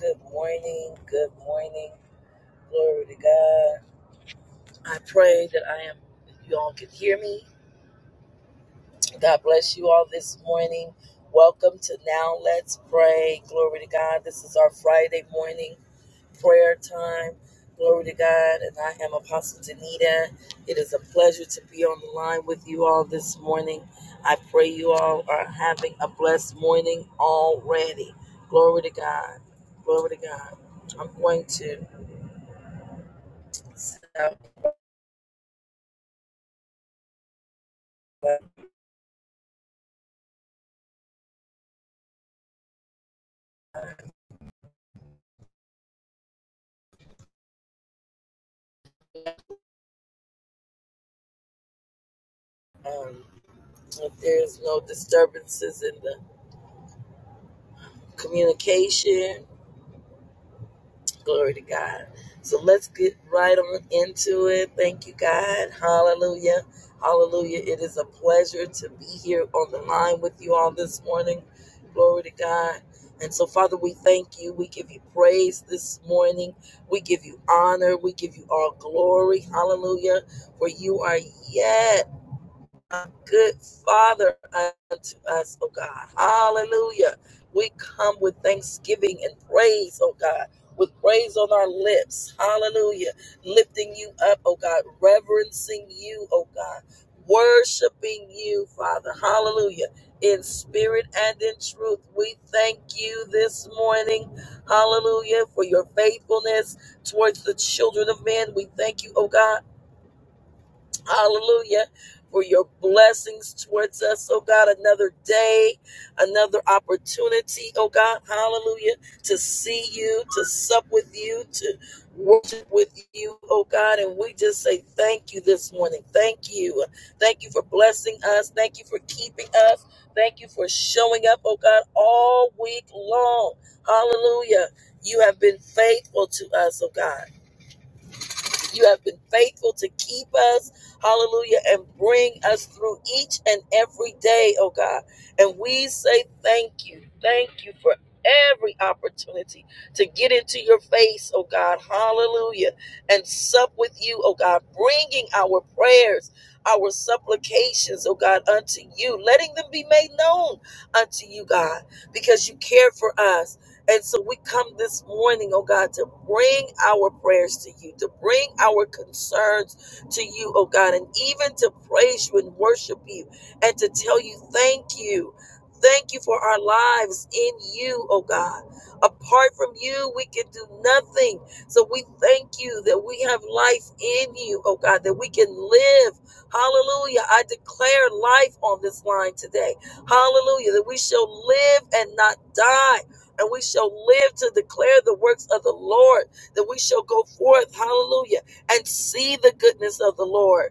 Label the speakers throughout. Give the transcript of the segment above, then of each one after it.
Speaker 1: Good morning. Good morning. Glory to God. I pray that I am, you all can hear me. God bless you all this morning. Welcome to Now Let's Pray. Glory to God. This is our Friday morning prayer time. Glory to God. And I am Apostle Danita. It is a pleasure to be on the line with you all this morning. I pray you all are having a blessed morning already. Glory to God. Glory to God. I'm going to. sound like um, if there's no disturbances in the communication, glory to God. So let's get right on into it. Thank you, God. Hallelujah. Hallelujah. It is a pleasure to be here on the line with you all this morning. Glory to God. And so, Father, we thank you. We give you praise this morning. We give you honor. We give you all glory. Hallelujah. For you are yet. a good father unto us, oh God. Hallelujah. We come with thanksgiving and praise, oh God, with praise on our lips. Hallelujah. Lifting you up, oh God, reverencing you, oh God, worshiping you, Father. Hallelujah. In spirit and in truth, we thank you this morning. Hallelujah. For your faithfulness towards the children of men. We thank you, oh God Hallelujah. For your blessings towards us, oh God, another day, another opportunity, oh God, hallelujah, to see you, to sup with you, to worship with you, oh God. And we just say thank you this morning. Thank you. Thank you for blessing us. Thank you for keeping us. Thank you for showing up, oh God, all week long. Hallelujah. You have been faithful to us, oh God. You have been faithful to keep us, hallelujah, and bring us through each and every day, oh God. And we say thank you. Thank you for every opportunity to get into your face, oh God, hallelujah, and sup with you, oh God, bringing our prayers, our supplications, oh God, unto you, letting them be made known unto you, God, because you care for us and so we come this morning, oh God, to bring our prayers to you, to bring our concerns to you, oh God, and even to praise you and worship you and to tell you thank you. Thank you for our lives in you, oh God. Apart from you, we can do nothing. So we thank you that we have life in you, oh God, that we can live. Hallelujah. I declare life on this line today. Hallelujah. That we shall live and not die and we shall live to declare the works of the Lord, that we shall go forth, hallelujah, and see the goodness of the Lord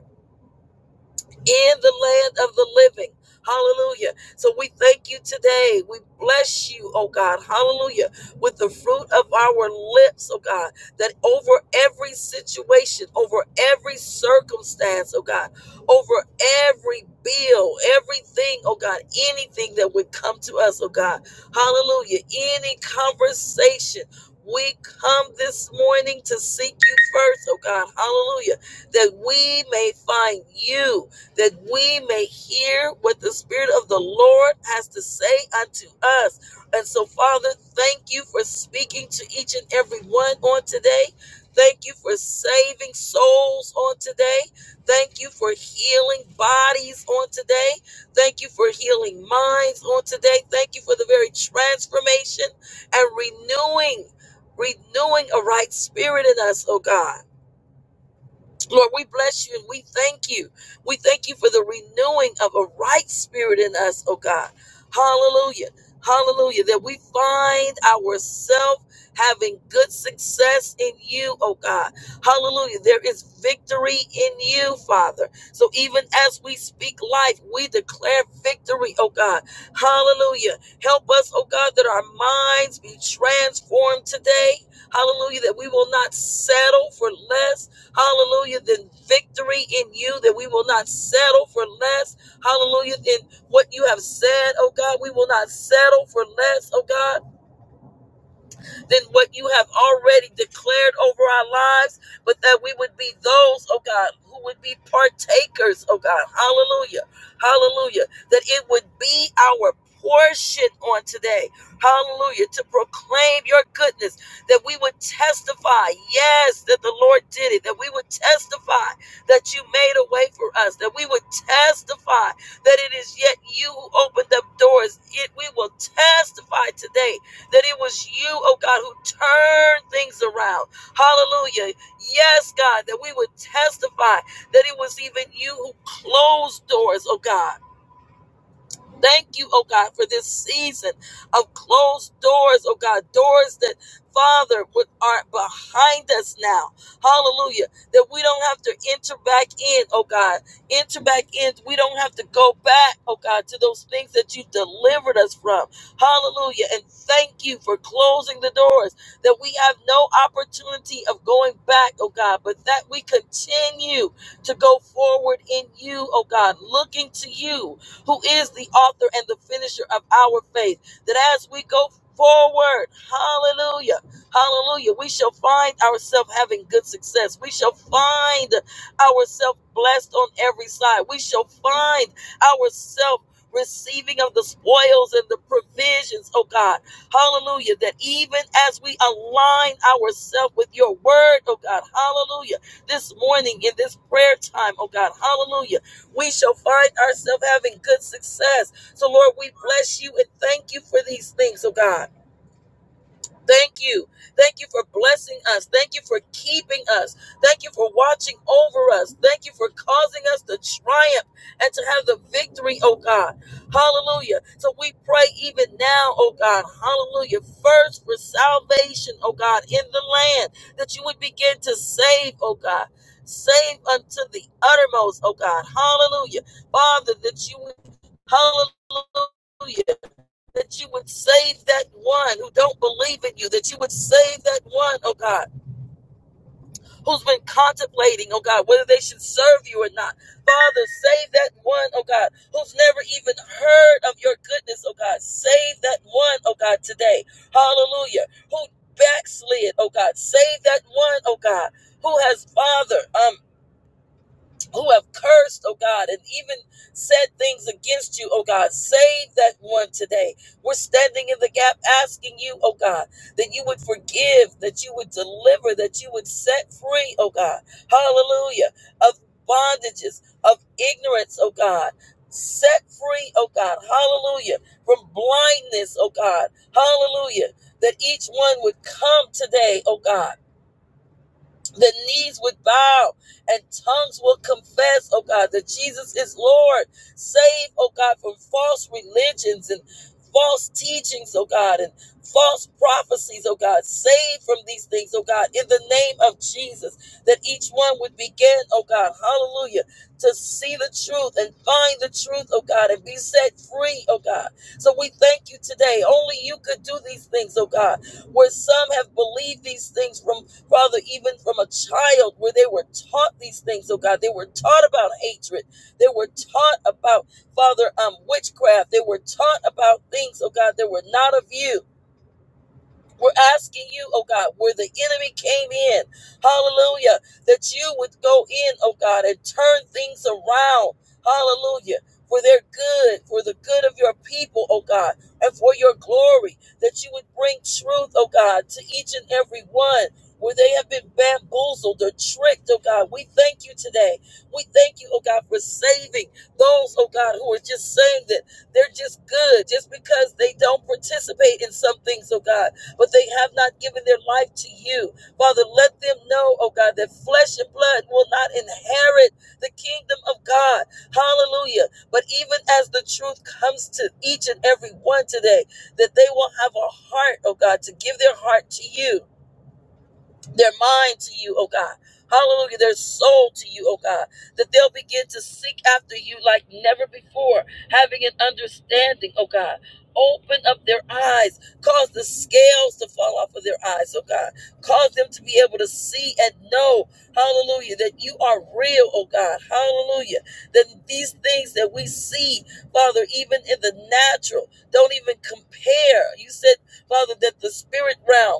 Speaker 1: in the land of the living. Hallelujah. So we thank you today. We bless you, oh God. Hallelujah. With the fruit of our lips, oh God, that over every situation, over every circumstance, oh God, over every bill, everything, oh God, anything that would come to us, oh God. Hallelujah. Any conversation. We come this morning to seek you first, oh God. Hallelujah that we may find you that we may hear what the Spirit of the Lord has to say unto us. And so, Father, thank you for speaking to each and every one on today. Thank you for saving souls on today. Thank you for healing bodies on today. Thank you for healing minds on today. Thank you for the very transformation and renewing, renewing a right spirit in us, oh God. Lord, we bless you and we thank you. We thank you for the renewing of a right spirit in us, oh God. Hallelujah. Hallelujah. That we find ourselves having good success in you, oh God. Hallelujah. There is victory in you, Father. So even as we speak life, we declare victory, oh God. Hallelujah. Help us, oh God, that our minds be transformed today. Hallelujah. That we will not settle for less Hallelujah. Then victory in you that we will not settle for less. Hallelujah. In what you have said, oh God, we will not settle for less, oh God than what you have already declared over our lives, but that we would be those, oh God, who would be partakers, oh God. Hallelujah. Hallelujah. That it would be our portion on today. Hallelujah. To proclaim your goodness, that we would testify, yes, that the Lord did it, that we would testify that you made a way for us, that we would testify that it is yet you who opened up doors. It we will testify today that it was you, oh God, who turned things around. Hallelujah. Yes, God, that we would testify that it was even you who closed doors, oh God. Thank you, oh God, for this season of closed doors, oh God, doors that, Father, would- are behind us now. Hallelujah. That we don't have to enter back in, oh God. Enter back in. We don't have to go back, oh God, to those things that you delivered us from. Hallelujah. And thank you for closing the doors that we have no opportunity of going back, oh God, but that we continue to go forward in you, oh God, looking to you who is the author and the finisher of our faith. That as we go forward, hallelujah, hallelujah, we shall find ourselves having good success. We shall find ourselves blessed on every side. We shall find ourselves receiving of the spoils and the provisions, oh God. Hallelujah. That even as we align ourselves with your word, oh God, hallelujah. This morning in this prayer time, oh God, hallelujah we shall find ourselves having good success. So, Lord, we bless you and thank you for these things, oh God. Thank you. Thank you for blessing us. Thank you for keeping us. Thank you for watching over us. Thank you for causing us to triumph and to have the victory, oh God. Hallelujah. So we pray even now, oh God. Hallelujah. First for salvation, oh God, in the land that you would begin to save, oh God. Save unto the uttermost, oh God. Hallelujah. Father, that you would, hallelujah that you would save that one who don't believe in you, that you would save that one, oh God, who's been contemplating, oh God, whether they should serve you or not. Father, save that one, oh God, who's never even heard of your goodness, oh God. Save that one, oh God, today. Hallelujah. Who backslid, oh God. Save that one, oh God, who has, Father, um, who have cursed, oh God, and even said things against you, oh God. Save that one today. We're standing in the gap asking you, oh God, that you would forgive, that you would deliver, that you would set free, oh God. Hallelujah. Of bondages, of ignorance, oh God. Set free, oh God. Hallelujah. From blindness, oh God. Hallelujah. That each one would come today, oh God the knees would bow and tongues will confess, oh God, that Jesus is Lord. Save, oh God, from false religions and false teachings, oh God, and false prophecies, oh God. Save from these things, oh God, in the name of Jesus, that each one would begin, oh God, hallelujah, to see the truth and find the truth, oh God, and be set free, oh God. So we thank you today. Only you could do these things, oh God, where some have believed these things from Father, even from a child where they were taught these things, oh God, they were taught about hatred. They were taught about, Father, um, witchcraft. They were taught about things, oh God, that were not of you. We're asking you, oh God, where the enemy came in, hallelujah, that you would go in, oh God, and turn things around, hallelujah, for their good, for the good of your people, oh God, and for your glory, that you would bring truth, oh God, to each and every one. Where they have been bamboozled or tricked, oh God, we thank you today. We thank you, oh God, for saving those, oh God, who are just saying that they're just good just because they don't participate in some things, oh God but they have not given their life to you. Father, let them know, oh God, that flesh and blood will not inherit the kingdom of God. Hallelujah. But even as the truth comes to each and every one today, that they will have a heart, oh God, to give their heart to you their mind to you, oh God. Hallelujah, their soul to you, oh God, that they'll begin to seek after you like never before, having an understanding, oh God. Open up their eyes, cause the scales to fall off of their eyes, oh God. Cause them to be able to see and know, hallelujah, that you are real, oh God, hallelujah. That these things that we see, Father, even in the natural, don't even compare. You said, Father, that the spirit realm,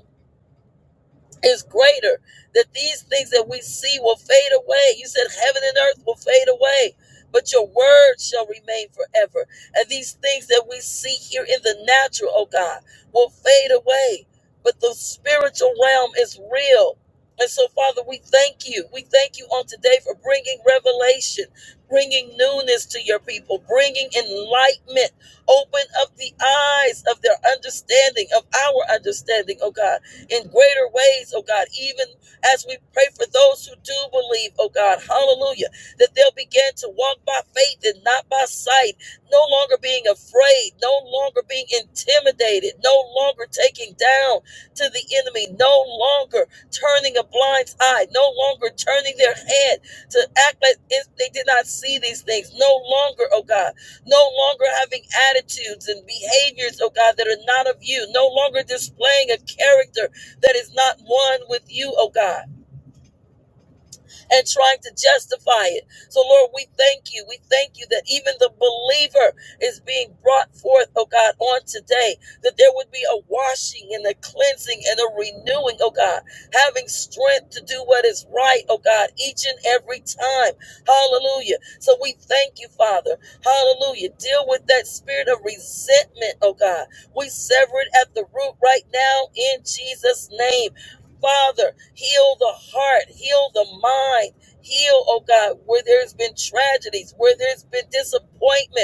Speaker 1: is greater, that these things that we see will fade away. You said heaven and earth will fade away, but your word shall remain forever. And these things that we see here in the natural, oh God, will fade away, but the spiritual realm is real. And so, Father, we thank you. We thank you on today for bringing revelation, bringing newness to your people, bringing enlightenment. Open up the eyes of their understanding, of our understanding, oh God in greater ways, oh God, even as we pray for those who do believe, oh God, hallelujah, that they'll begin to walk by faith and not by sight, no longer being afraid, no longer being intimidated, no longer taking down to the enemy, no longer turning a blind eye, no longer turning their head to act like they did not see these things, no longer, oh God, no longer having attitudes and behaviors, oh God, that are not of you, no longer displaying a character that is not one with you, oh God, and trying to justify it. So, Lord, we thank you. We thank you that even the believer is being brought forth, oh God, on today, that there would be a washing and a cleansing and a renewing, oh God, having strength to do what is right, oh God, each and every time. Hallelujah. So, we thank you, Father. Hallelujah. Deal with that spirit of resentment, oh God. We sever it at the root right now in Jesus' name. Father, heal the heart, heal the mind, heal, oh God, where there's been tragedies, where there's been disappointment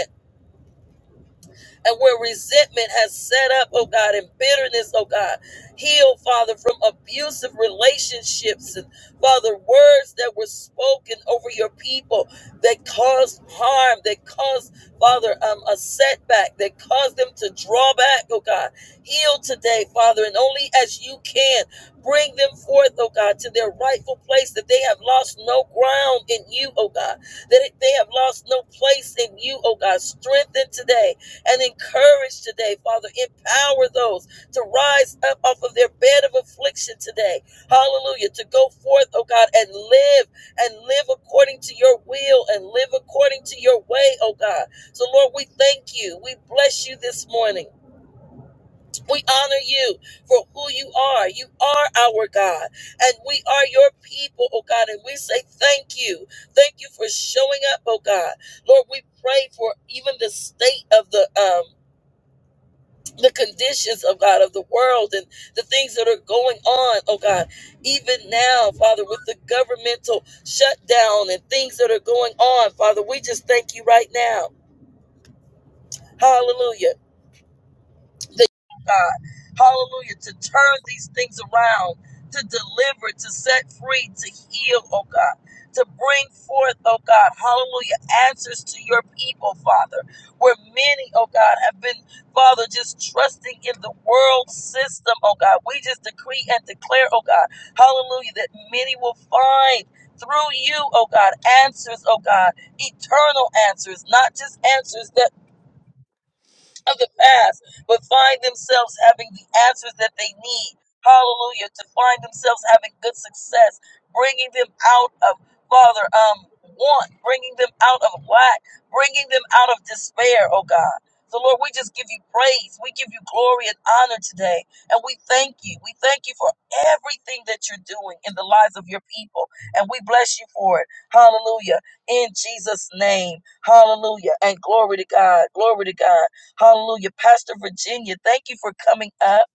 Speaker 1: and where resentment has set up, oh God, and bitterness, oh God. Heal, Father, from abusive relationships and, Father, words that were spoken over your people that caused harm, that caused, Father, um, a setback, that caused them to draw back, oh God. Heal today, Father, and only as you can bring them forth, oh God, to their rightful place that they have lost no ground in you, oh God, that they have lost no place in you, oh God. Strengthen today and encourage today, Father. Empower those to rise up off of their bed of affliction today. Hallelujah. To go forth, oh God, and live and live according to your will and live according to your way, oh God. So, Lord, we thank you. We bless you this morning. We honor you for who you are. You are our God, and we are your people, oh God. And we say thank you. Thank you for showing up, oh God. Lord, we pray for even the state of the um the conditions of God of the world and the things that are going on, oh God, even now, Father, with the governmental shutdown and things that are going on, Father, we just thank you right now. Hallelujah to God. Hallelujah. To turn these things around, to deliver, to set free, to heal, oh God. To bring forth, oh God, hallelujah, answers to your people, Father. Where many, oh God, have been, Father, just trusting in the world system, oh God. We just decree and declare, oh God, hallelujah, that many will find through you, oh God, answers, oh God, eternal answers, not just answers that of the past, but find themselves having the answers that they need. Hallelujah. To find themselves having good success, bringing them out of, Father, um, want, bringing them out of lack, bringing them out of despair, oh God. So, Lord, we just give you praise. We give you glory and honor today. And we thank you. We thank you for everything that you're doing in the lives of your people. And we bless you for it. Hallelujah. In Jesus' name. Hallelujah. And glory to God. Glory to God. Hallelujah. Pastor Virginia, thank you for coming up.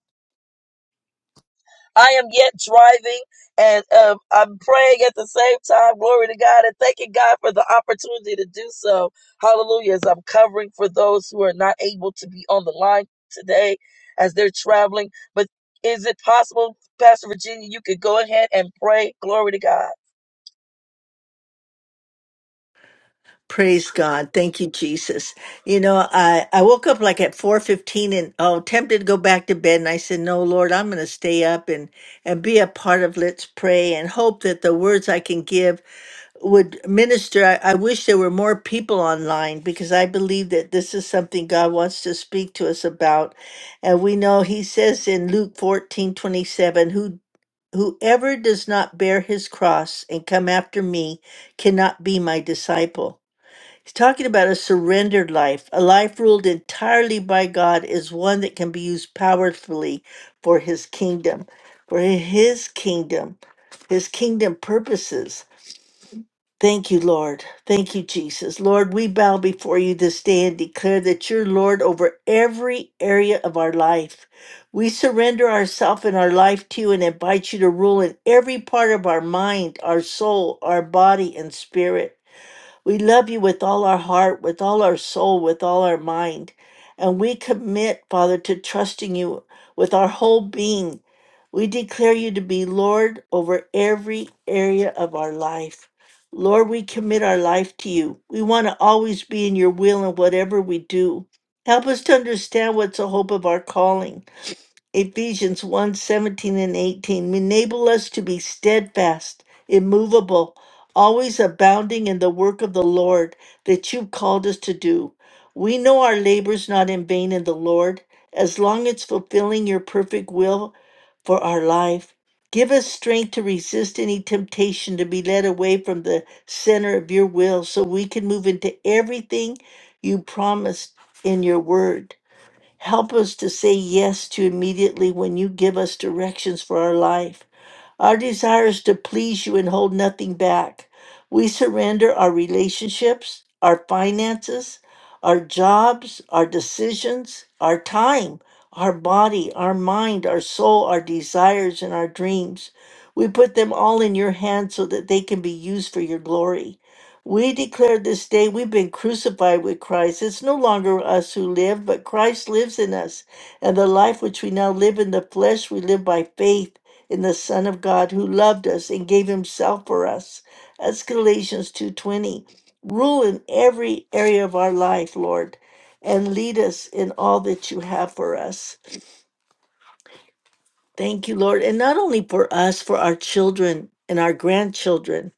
Speaker 1: I am yet driving and um, I'm praying at the same time. Glory to God and thanking God for the opportunity to do so. Hallelujah. As I'm covering for those who are not able to be on the line today as they're traveling. But is it possible, Pastor Virginia, you could go ahead and pray? Glory to God.
Speaker 2: Praise God. Thank you, Jesus. You know, I, I woke up like at 4.15 and, oh, tempted to go back to bed. And I said, no, Lord, I'm going to stay up and, and be a part of Let's Pray and hope that the words I can give would minister. I, I wish there were more people online because I believe that this is something God wants to speak to us about. And we know he says in Luke 14 27, who Whoever does not bear his cross and come after me cannot be my disciple. He's talking about a surrendered life. A life ruled entirely by God is one that can be used powerfully for his kingdom, for his kingdom, his kingdom purposes. Thank you, Lord. Thank you, Jesus. Lord, we bow before you this day and declare that you're Lord over every area of our life. We surrender ourself and our life to you and invite you to rule in every part of our mind, our soul, our body, and spirit. We love you with all our heart, with all our soul, with all our mind. And we commit, Father, to trusting you with our whole being. We declare you to be Lord over every area of our life. Lord, we commit our life to you. We want to always be in your will in whatever we do. Help us to understand what's the hope of our calling Ephesians one 17 and 18. Enable us to be steadfast, immovable, always abounding in the work of the Lord that you've called us to do. We know our labor's not in vain in the Lord, as long as fulfilling your perfect will for our life. Give us strength to resist any temptation to be led away from the center of your will so we can move into everything you promised in your word. Help us to say yes to immediately when you give us directions for our life. Our desire is to please you and hold nothing back. We surrender our relationships, our finances, our jobs, our decisions, our time, our body, our mind, our soul, our desires, and our dreams. We put them all in your hands so that they can be used for your glory. We declare this day we've been crucified with Christ. It's no longer us who live, but Christ lives in us. And the life which we now live in the flesh, we live by faith in the Son of God who loved us and gave himself for us. That's Galatians 2:20. Rule in every area of our life, Lord, and lead us in all that you have for us. Thank you, Lord. And not only for us, for our children and our grandchildren.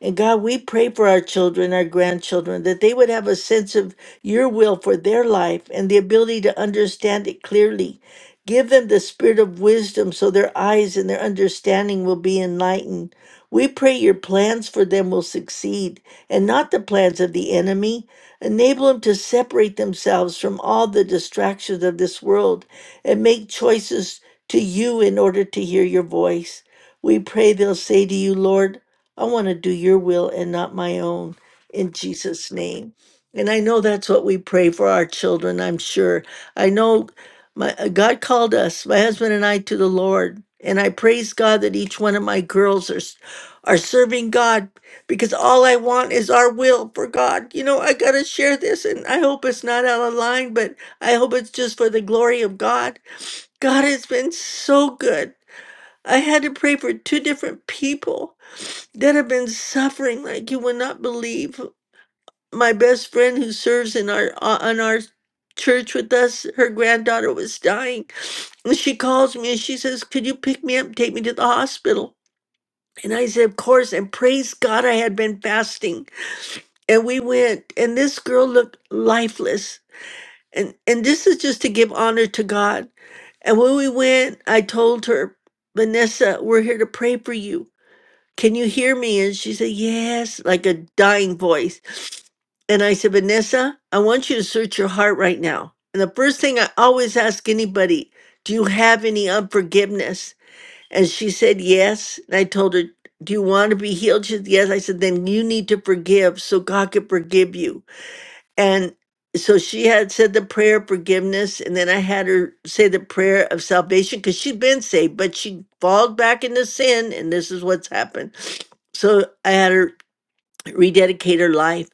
Speaker 2: And God, we pray for our children, our grandchildren, that they would have a sense of your will for their life and the ability to understand it clearly. Give them the spirit of wisdom so their eyes and their understanding will be enlightened. We pray your plans for them will succeed and not the plans of the enemy. Enable them to separate themselves from all the distractions of this world and make choices to you in order to hear your voice. We pray they'll say to you, Lord, I want to do your will and not my own, in Jesus' name. And I know that's what we pray for our children, I'm sure. I know my uh, God called us, my husband and I, to the Lord. And I praise God that each one of my girls are, s- are serving God because all I want is our will for God. You know, I got to share this, and I hope it's not out of line, but I hope it's just for the glory of God. God has been so good. I had to pray for two different people that have been suffering like you would not believe. My best friend who serves in our uh, on our church with us, her granddaughter was dying. And she calls me and she says, "Could you pick me up, and take me to the hospital?" And I said, "Of course." And praise God, I had been fasting. And we went, and this girl looked lifeless. And and this is just to give honor to God. And when we went, I told her, Vanessa, we're here to pray for you. Can you hear me? And she said, Yes, like a dying voice. And I said, Vanessa, I want you to search your heart right now. And the first thing I always ask anybody, do you have any unforgiveness? And she said, Yes. And I told her, Do you want to be healed? She said, Yes. I said, Then you need to forgive so God can forgive you. And so she had said the prayer of forgiveness, and then I had her say the prayer of salvation because she'd been saved, but she falls back into sin, and this is what's happened. So I had her rededicate her life.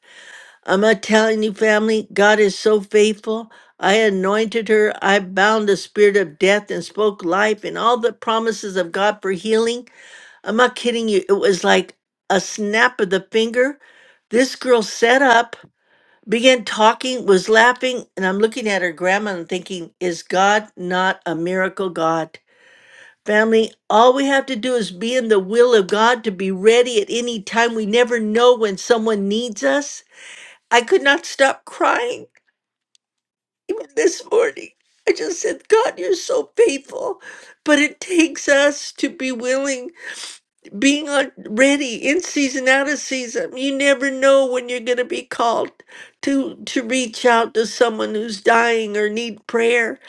Speaker 2: I'm not telling you, family, God is so faithful. I anointed her. I bound the spirit of death and spoke life and all the promises of God for healing. I'm not kidding you. It was like a snap of the finger. This girl set up began talking, was laughing, and I'm looking at her grandma and thinking, is God not a miracle God? Family, all we have to do is be in the will of God to be ready at any time. We never know when someone needs us. I could not stop crying even this morning. I just said, God, you're so faithful. But it takes us to be willing being on ready in season out of season you never know when you're going to be called to to reach out to someone who's dying or need prayer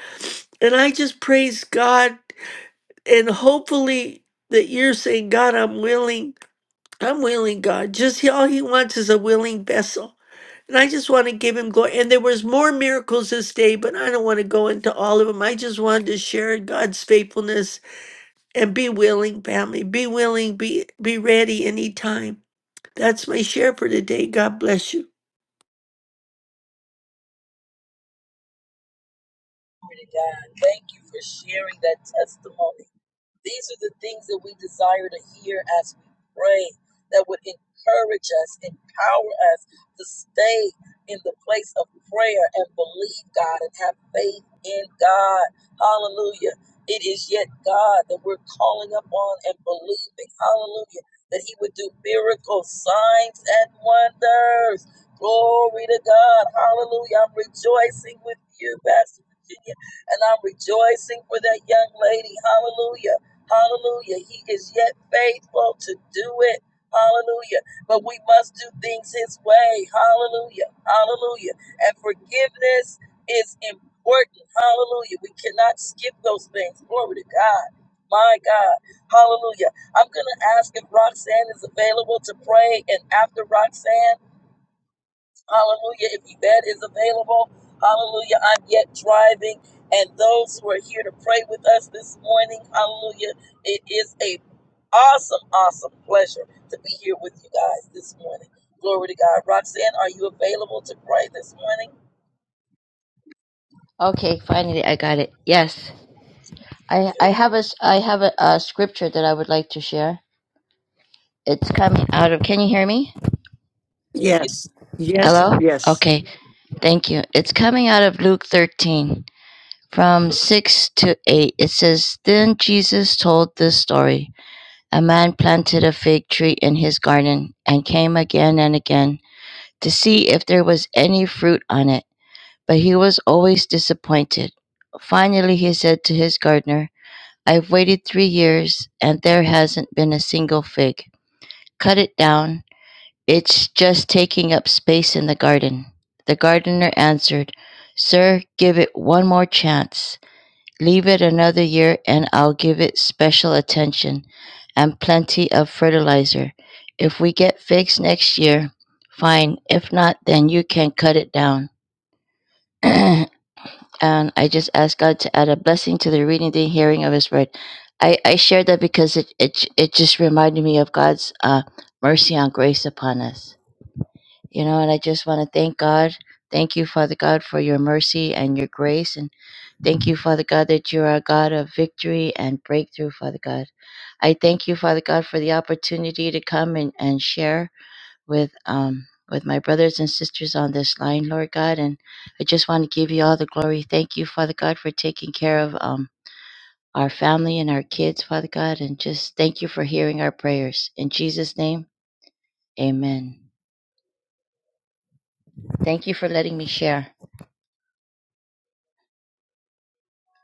Speaker 2: and i just praise god and hopefully that you're saying god i'm willing i'm willing god just he- all he wants is a willing vessel and i just want to give him glory and there was more miracles this day but i don't want to go into all of them i just wanted to share god's faithfulness and be willing family be willing be be ready anytime that's my share for today god bless you
Speaker 1: Glory to God. Thank you for sharing that testimony. These are the things that we desire to hear as we pray that would encourage us, empower us to stay in the place of prayer and believe God and have faith in God. Hallelujah. It is yet God that we're calling upon and believing. Hallelujah. That He would do miracles, signs, and wonders. Glory to God. Hallelujah. I'm rejoicing with you, Pastor Virginia. And I'm rejoicing for that young lady. Hallelujah Hallelujah. He is yet faithful to do it. Hallelujah. But we must do things His way. Hallelujah. Hallelujah. And forgiveness is important. Hallelujah. We cannot skip those things. Glory to God. My God. Hallelujah. I'm going to ask if Roxanne is available to pray. And after Roxanne, Hallelujah. If Yvette is available, hallelujah. I'm yet driving. And those who are here to pray with us this morning, hallelujah. It is a awesome, awesome pleasure to be here with you guys this morning. Glory to God. Roxanne, are you available to pray this morning?
Speaker 3: Okay, finally I got it. Yes. I, I have a, s- I have a, a scripture that I would like to share. It's coming out of, can you hear me?
Speaker 1: We can
Speaker 2: Yes, yes,
Speaker 3: Hello?
Speaker 2: yes.
Speaker 3: Okay, thank you. It's coming out of Luke 13 from 6 to 8. It says, Then Jesus told this story. A man planted a fig tree in his garden and came again and again to see if there was any fruit on it, but he was always disappointed. Finally, he said to his gardener, I've waited three years and there hasn't been a single fig. Cut it down. It's just taking up space in the garden. The gardener answered, Sir, give it one more chance. Leave it another year and I'll give it special attention and plenty of fertilizer. If we get figs next year, fine. If not, then you can cut it down. and I just ask God to add a blessing to the reading, the hearing of His word. I, I share that because it, it it just reminded me of God's uh, mercy and grace upon us, you know. And I just want to thank God, thank you, Father God, for your mercy and your grace, and thank you, Father God, that you are a God of victory and breakthrough, Father God. I thank you, Father God, for the opportunity to come and, and share with um with my brothers and sisters on this line, Lord God, and I just want to give you all the glory. Thank you, Father God, for taking care of um our family and our kids, Father God, and just thank you for hearing our prayers. In Jesus' name, Amen. Thank you for letting me share.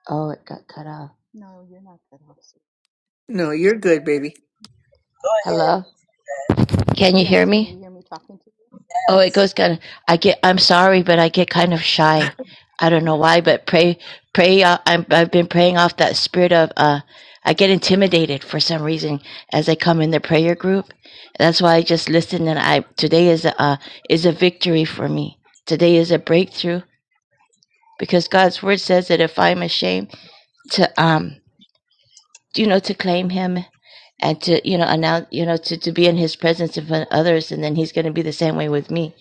Speaker 3: Oh, it got cut off.
Speaker 4: No, you're not that awesome.
Speaker 2: No, you're
Speaker 4: You're
Speaker 2: good,
Speaker 4: good.
Speaker 2: baby.
Speaker 1: go ahead.
Speaker 3: Hello, can you hear
Speaker 4: Yes, can
Speaker 3: me?
Speaker 4: you hear me talking to you?
Speaker 3: Oh, it
Speaker 1: Yes.
Speaker 3: goes kind of. I get. I'm sorry, but I get kind of shy. I don't know why, but pray, pray. Uh, I'm, I've been praying off that spirit of. Uh, I get intimidated for some reason as I come in the prayer group. That's why I just listen. And I today is a uh, is a victory for me. Today is a breakthrough because God's word says that if I'm ashamed to um you know to claim Him and to you know announce you know to to be in His presence in front of others, and then He's going to be the same way with me.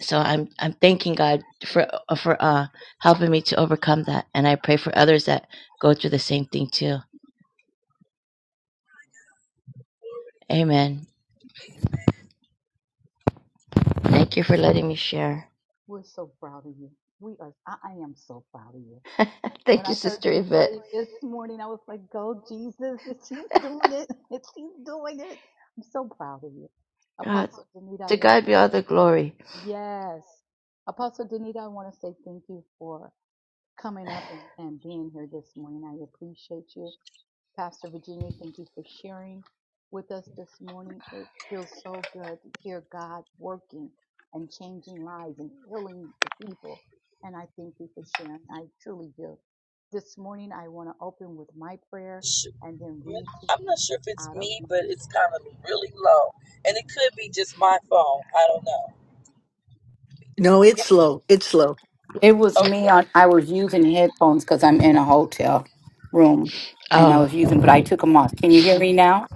Speaker 3: so I'm I'm thanking God for for uh helping me to overcome that, and I pray for others that go through the same thing too. Amen. Thank you for letting me share.
Speaker 4: We're so proud of you. We are. I, I am so proud of you. When
Speaker 3: Thank you,
Speaker 4: I heard
Speaker 3: Sister
Speaker 4: you
Speaker 3: Yvette.
Speaker 4: pray this morning, I was like, "Go, Jesus! If she's doing it, if she's doing it, I'm so proud of you."
Speaker 3: Uh,
Speaker 4: Apostle Danita, I
Speaker 3: to
Speaker 4: want to.
Speaker 3: God be all the glory.
Speaker 4: Yes, Apostle Danita, I want to say thank you for coming up and, and being here this morning. I appreciate you. Pastor Virginia, thank you for sharing with us this morning. It feels so good to hear God working and changing lives and healing the people. And I thank you for sharing. I truly do. This morning, I want to open with my prayer
Speaker 1: Shoot.
Speaker 4: and then read to
Speaker 1: I'm
Speaker 4: you
Speaker 1: not sure if it's
Speaker 4: out of
Speaker 1: me,
Speaker 4: my.
Speaker 1: but it's kind of really low. And it could be just my phone. I don't know.
Speaker 2: No, it's slow. It's slow.
Speaker 4: It was me
Speaker 1: Okay.
Speaker 4: on I was using headphones because I'm in a hotel room and I
Speaker 3: Oh,
Speaker 4: was
Speaker 1: Okay.
Speaker 4: using but I took them off. Can you hear me now?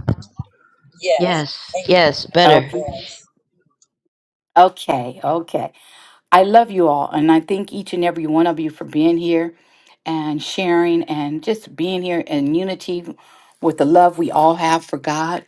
Speaker 1: Yes.
Speaker 3: yes,
Speaker 1: And
Speaker 3: yes, better.
Speaker 4: Okay.
Speaker 1: yes.
Speaker 4: Okay. Okay. I love you all, and I thank each and every one of you for being here and sharing and just being here in unity with the love we all have for God.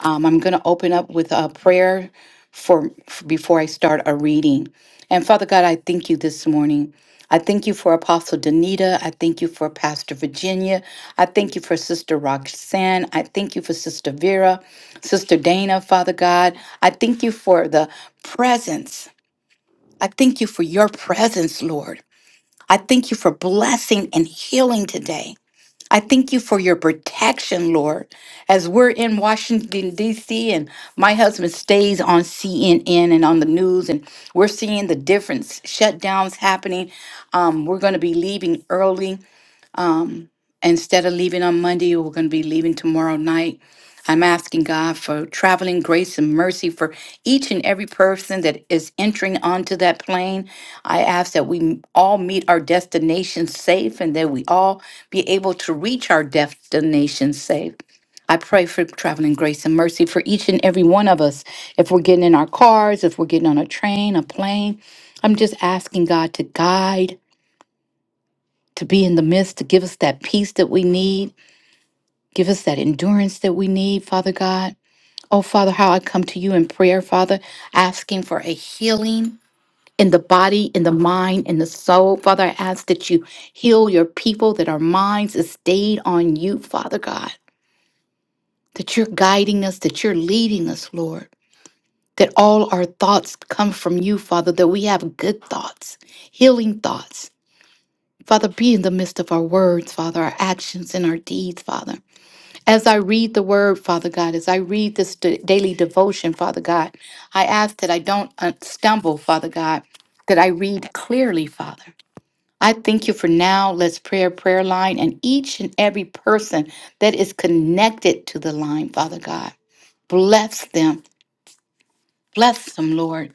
Speaker 4: Um, I'm going to open up with a prayer for, for before I start a reading. And Father God, I thank you this morning. I thank you for Apostle Danita. I thank you for Pastor Virginia. I thank you for Sister Roxanne. I thank you for Sister Vera, Sister Dana, Father God. I thank you for the presence I thank you for your presence, Lord. I thank you for blessing and healing today. I thank you for your protection, Lord. As we're in Washington, D.C., and my husband stays on CNN and on the news, and we're seeing the different shutdowns happening. Um, we're going to be leaving early Instead of leaving on Monday, we're going to be leaving tomorrow night. I'm asking God for traveling grace and mercy for each and every person that is entering onto that plane. I ask that we m- all meet our destination safe and that we all be able to reach our destination safe. I pray for traveling grace and mercy for each and every one of us. If we're getting in our cars, if we're getting on a train, a plane, I'm just asking God to guide, to be in the midst, to give us that peace that we need Give us that endurance that we need, Father God. Oh, Father, how I come to you in prayer, Father, asking for a healing in the body, in the mind, in the soul. Father, I ask that you heal your people, that our minds is stayed on you, Father God, that you're guiding us, that you're leading us, Lord, that all our thoughts come from you, Father, that we have good thoughts, healing thoughts. Father, be in the midst of our words, Father, our actions and our deeds, Father. As I read the word, Father God, as I read this d- daily devotion, Father God, I ask that I don't uh, stumble, Father God, that I read clearly, Father. I thank you for now. Let's prayer, prayer line, and each and every person that is connected to the line, Father God. Bless them. Bless them, Lord.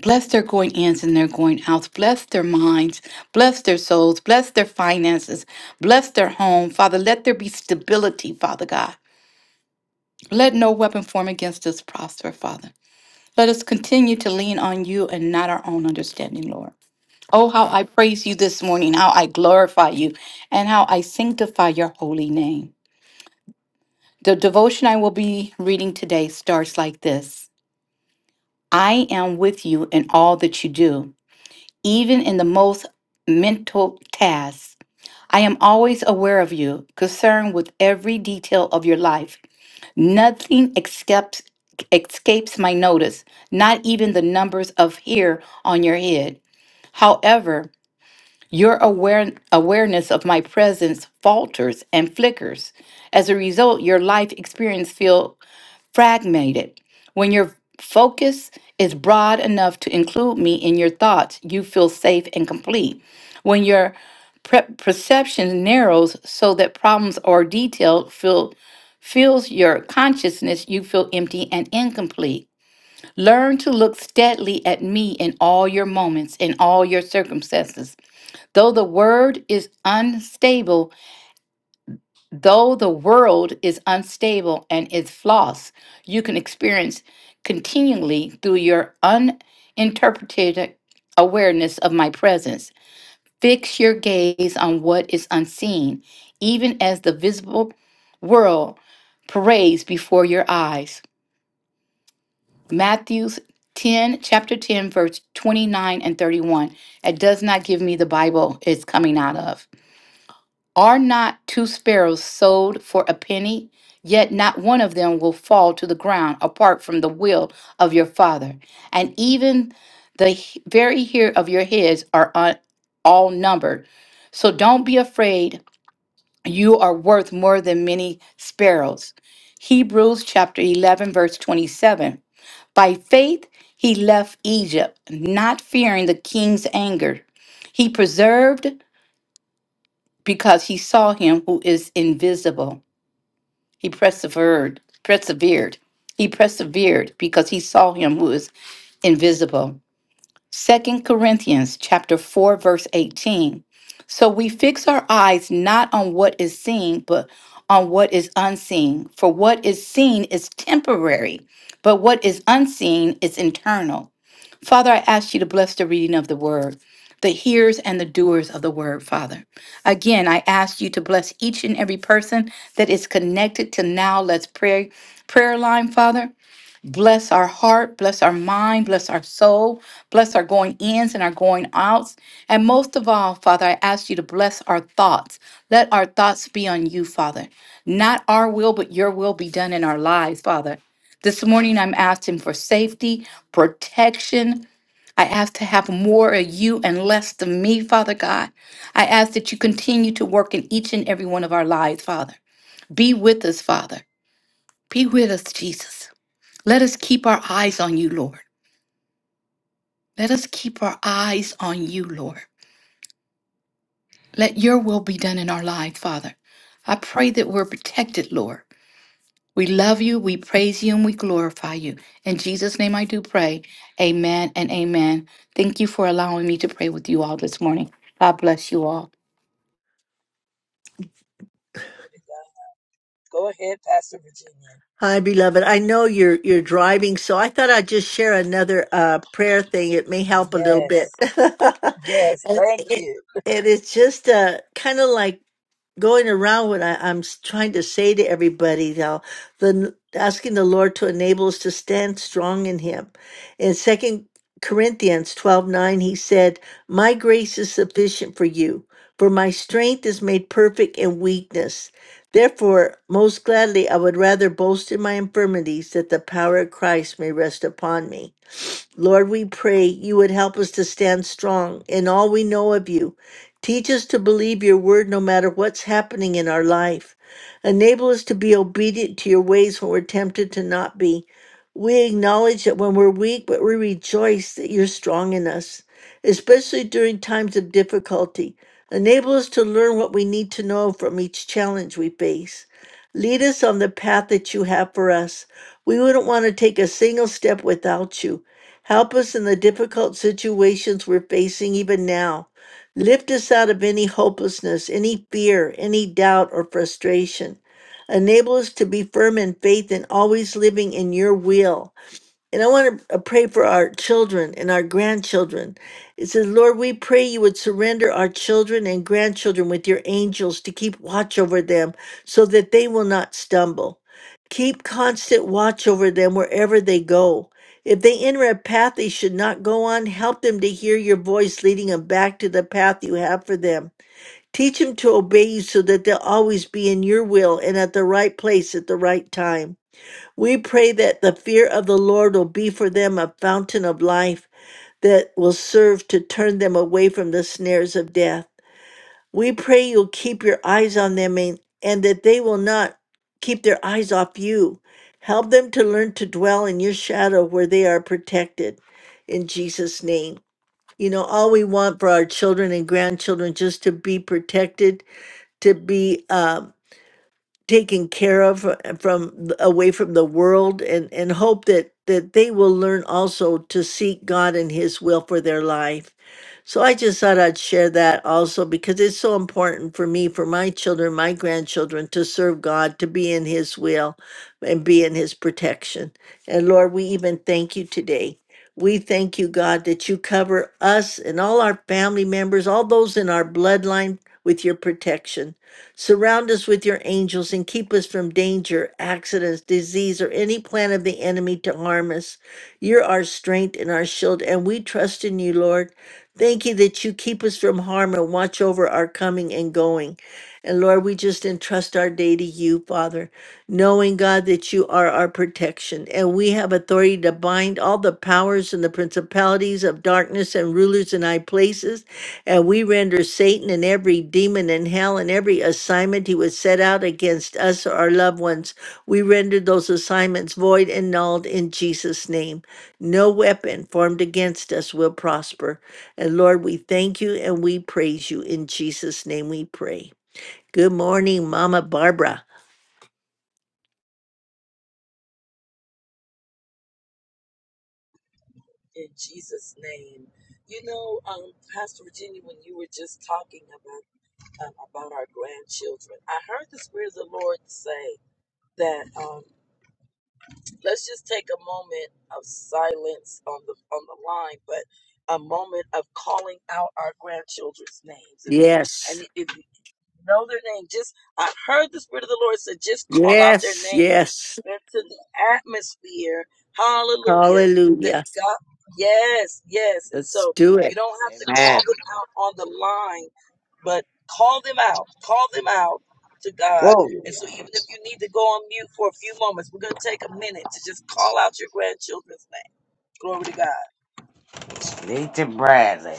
Speaker 4: Bless their going ins and their going outs. Bless their minds. Bless their souls. Bless their finances. Bless their home, Father. Let there be stability, Father God. Let no weapon form against us prosper, Father. Let us continue to lean on you and not our own understanding, Lord. Oh, how I praise you this morning, how I glorify you, and how I sanctify your holy name. The devotion I will be reading today starts like this I am with you in all that you do, even in the most mental tasks. I am always aware of you, concerned with every detail of your life Nothing escapes, escapes my notice, not even the numbers of hair on your head. However, your aware, awareness of my presence falters and flickers. As a result, your life experience fragmented. When your focus is broad enough to include me in your thoughts, you feel safe and complete. When your pre- perception narrows so that problems or detail fill, fills your consciousness, you feel empty and incomplete. Learn to look steadily at me in all your moments, in all your circumstances. Though the word is unstable, Though the world is unstable and its flaws, you can experience continually through your uninterpreted awareness of my presence. Fix your gaze on what is unseen, even as the visible world parades before your eyes. Matthew 10, chapter 10, verse 29 and 31. It does not give me the Bible it's coming out of. Are not two sparrows sold for a penny? Yet not one of them will fall to the ground apart from the will of your Father. And even the h- very hair of your heads are un- all numbered. So don't be afraid. You are worth more than many sparrows. Hebrews chapter 11, verse 27. By faith, he left Egypt, not fearing the king's anger. He preserved because he saw him who is invisible. He persevered, persevered. He persevered because he saw him who is invisible. Second Corinthians chapter 4 verse 18. So we fix our eyes not on what is seen, but on what is unseen. For what is seen is temporary, but what is unseen is internal. Father, I ask you to bless the reading of the word, the hearers and the doers of the word, Father. Again, I ask you to bless each and every person that is connected to now let's pray prayer line, Father. Bless our heart, bless our mind, bless our soul, bless our going ins and our going outs. And most of all, Father, I ask you to bless our thoughts. Let our thoughts be on you, Father. Not our will, but your will be done in our lives, Father. This morning, I'm asking for safety, protection, I ask to have more of you and less of me, Father God. I ask that you continue to work in each and every one of our lives, Father. Be with us, Father. Be with us, Jesus. Let us keep our eyes on you, Lord. Let us keep our eyes on you, Lord. Let your will be done in our lives, Father. I pray that we're protected, Lord. We love you, we praise you, and we glorify you. In Jesus' name I do pray. Amen and amen. Thank you for allowing me to pray with you all this morning. God bless you all.
Speaker 1: Go ahead, Pastor Virginia.
Speaker 2: Hi, beloved. I know you're you're driving, so I thought I'd just share another uh, prayer thing. It may help a little bit.
Speaker 1: Yes, yes,
Speaker 2: and,
Speaker 1: thank
Speaker 2: it,
Speaker 1: you.
Speaker 2: and it's just uh, kind of like going around what I, I'm s- trying to say to everybody now, the asking the Lord to enable us to stand strong in Him. In Second Corinthians twelve nine, He said, "My grace is sufficient for you, for my strength is made perfect in weakness." Therefore, most gladly, I would rather boast in my infirmities that the power of Christ may rest upon me. Lord, we pray you would help us to stand strong in all we know of you. Teach us to believe your word no matter what's happening in our life. Enable us to be obedient to your ways when we're tempted to not be. We acknowledge that when we're weak, but we rejoice that you're strong in us, especially during times of difficulty. Enable us to learn what we need to know from each challenge we face. Lead us on the path that you have for us. We wouldn't want to take a single step without you. Help us in the difficult situations we're facing even now. Lift us out of any hopelessness, any fear, any doubt, or frustration. Enable us to be firm in faith and always living in your will. And I want to pray for our children and our grandchildren. It says, Lord, we pray you would surrender our children and grandchildren with your angels to keep watch over them so that they will not stumble. Keep constant watch over them wherever they go. If they enter a path they should not go on, help them to hear your voice leading them back to the path you have for them. Teach them to obey you so that they'll always be in your will and at the right place at the right time. We pray that the fear of the Lord will be for them a fountain of life that will serve to turn them away from the snares of death. We pray you'll keep your eyes on them and, and that they will not keep their eyes off you. Help them to learn to dwell in your shadow where they are protected. In Jesus' name. You know, all we want for our children and grandchildren just to be protected, to be um taken care of uh, from away from the world and and hope that that they will learn also to seek God and his will for their life so I just thought I'd share that also because it's so important for me, for my children, my grandchildren to serve God, to be in His will and be in His protection. And Lord, we even thank you today. We thank you, God, that you cover us and all our family members, all those in our bloodline with your protection. Surround us with your angels and keep us from danger, accidents, disease, or any plan of the enemy to harm us. You're our strength and our shield, and we trust in you, Lord. Thank you that you keep us from harm and watch over our coming and going. And Lord, we just entrust our day to you, Father, knowing, God, that you are our protection. And we have authority to bind all the powers and the principalities of darkness and rulers in high places. And we render Satan and every demon in hell and every assignment he was set out against us or our loved ones. We render those assignments void and nulled in Jesus' name. No weapon formed against us will prosper. And Lord, we thank you and we praise you. In Jesus' name we pray. Good morning, Mama Barbara.
Speaker 1: In Jesus' name. You know, um, Pastor Virginia, when you were just talking about um, about our grandchildren, I heard the Spirit of the Lord say that. um, Let's just take a moment of silence on the on the line, but a moment of calling out our grandchildren's names. If you and
Speaker 2: Yes,
Speaker 1: if you know their name, just I heard the Spirit of the Lord said, just call out their
Speaker 2: yes,
Speaker 1: names
Speaker 2: yes.
Speaker 1: into the atmosphere. Hallelujah. That
Speaker 2: Hallelujah.
Speaker 1: God, yes, yes. And
Speaker 2: Let's
Speaker 1: so
Speaker 2: do
Speaker 1: you
Speaker 2: it.
Speaker 1: don't have to
Speaker 5: Amen.
Speaker 1: call them out on the line, but call them out. Call them out to God
Speaker 5: Glory.
Speaker 1: and so, even if you need to go on mute for a few moments, we're going to take a minute to just call out your grandchildren's name. Glory to God.
Speaker 5: Need to Bradley.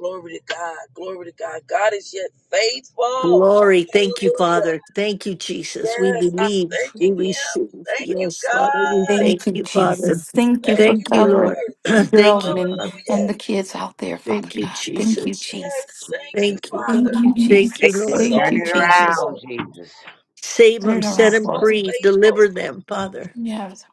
Speaker 1: Glory to God. Glory to God. God is yet faithful.
Speaker 2: Glory. Thank you,
Speaker 1: Hallelujah.
Speaker 2: Father. Thank you, Jesus. We
Speaker 1: Yes, I'm
Speaker 2: believe, we
Speaker 1: thanking Him.
Speaker 2: receive.
Speaker 1: Thank you,
Speaker 2: Yes, Father. We
Speaker 1: God.
Speaker 2: thank
Speaker 4: Thank you,
Speaker 2: you, Father.
Speaker 4: Jesus. Thank you
Speaker 1: Thank
Speaker 4: for
Speaker 1: you,
Speaker 2: Thank you,
Speaker 4: covering
Speaker 2: Lord.
Speaker 1: Lord.
Speaker 2: thank you,
Speaker 4: Geraldine and,
Speaker 2: Father.
Speaker 1: Hallelujah.
Speaker 4: and the kids out there, Father
Speaker 2: Thank you,
Speaker 4: God. Thank you,
Speaker 2: Jesus.
Speaker 1: Yes,
Speaker 4: Jesus.
Speaker 1: thank
Speaker 5: Jesus.
Speaker 1: you,
Speaker 2: Thank you,
Speaker 4: Thank
Speaker 1: Father.
Speaker 4: you,
Speaker 2: God. Thank you,
Speaker 1: He's
Speaker 5: Fix
Speaker 4: Jesus.
Speaker 5: it.
Speaker 2: Lord.
Speaker 1: so
Speaker 4: Thank
Speaker 5: Turn
Speaker 4: you,
Speaker 5: it
Speaker 4: Jesus.
Speaker 1: faithful.
Speaker 5: around, Jesus.
Speaker 2: Save them,
Speaker 4: Turn it
Speaker 2: set
Speaker 4: around
Speaker 1: He's
Speaker 2: them
Speaker 4: for
Speaker 1: so
Speaker 4: us.
Speaker 2: free, deliver
Speaker 1: faithful.
Speaker 2: them, Father.
Speaker 4: Yes.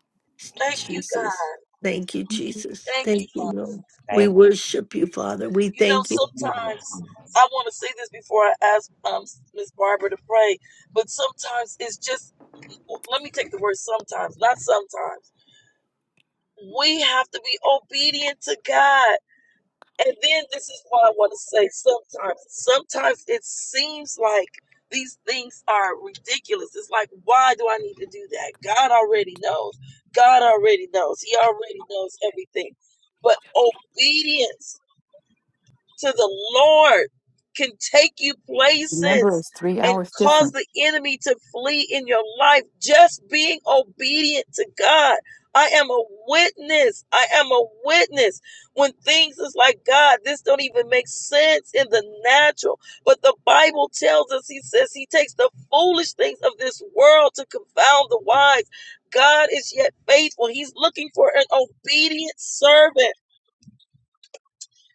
Speaker 1: Thank you,
Speaker 2: Jesus.
Speaker 1: God.
Speaker 2: Thank you,
Speaker 4: Thank you.
Speaker 2: Jesus.
Speaker 1: Thank
Speaker 5: Thank
Speaker 1: you,
Speaker 2: Thank
Speaker 5: you,
Speaker 2: you,
Speaker 1: Father.
Speaker 5: Jesus.
Speaker 2: Lord. We
Speaker 5: Thank you.
Speaker 2: worship you, Father. We
Speaker 1: You know,
Speaker 2: thank you.
Speaker 1: sometimes I want to say this before I ask um, Miss Barbara to pray, but sometimes it's just, let me take the word sometimes, not sometimes. We have to be obedient to God. And then this is why I want to say sometimes, sometimes it seems like these things are ridiculous. It's like, why do I need to do that? God already knows. God already knows. He already knows everything. But obedience to the Lord can take you
Speaker 4: Remember,
Speaker 1: places
Speaker 4: it's three
Speaker 1: and
Speaker 4: hours different.
Speaker 1: cause the enemy to flee in your life. Just being obedient to God. I am a witness. I am a witness when things is like God, this don't even make sense in the natural. But the Bible tells us, He says, He takes the foolish things of this world to confound the wise. God is yet faithful. He's looking for an obedient servant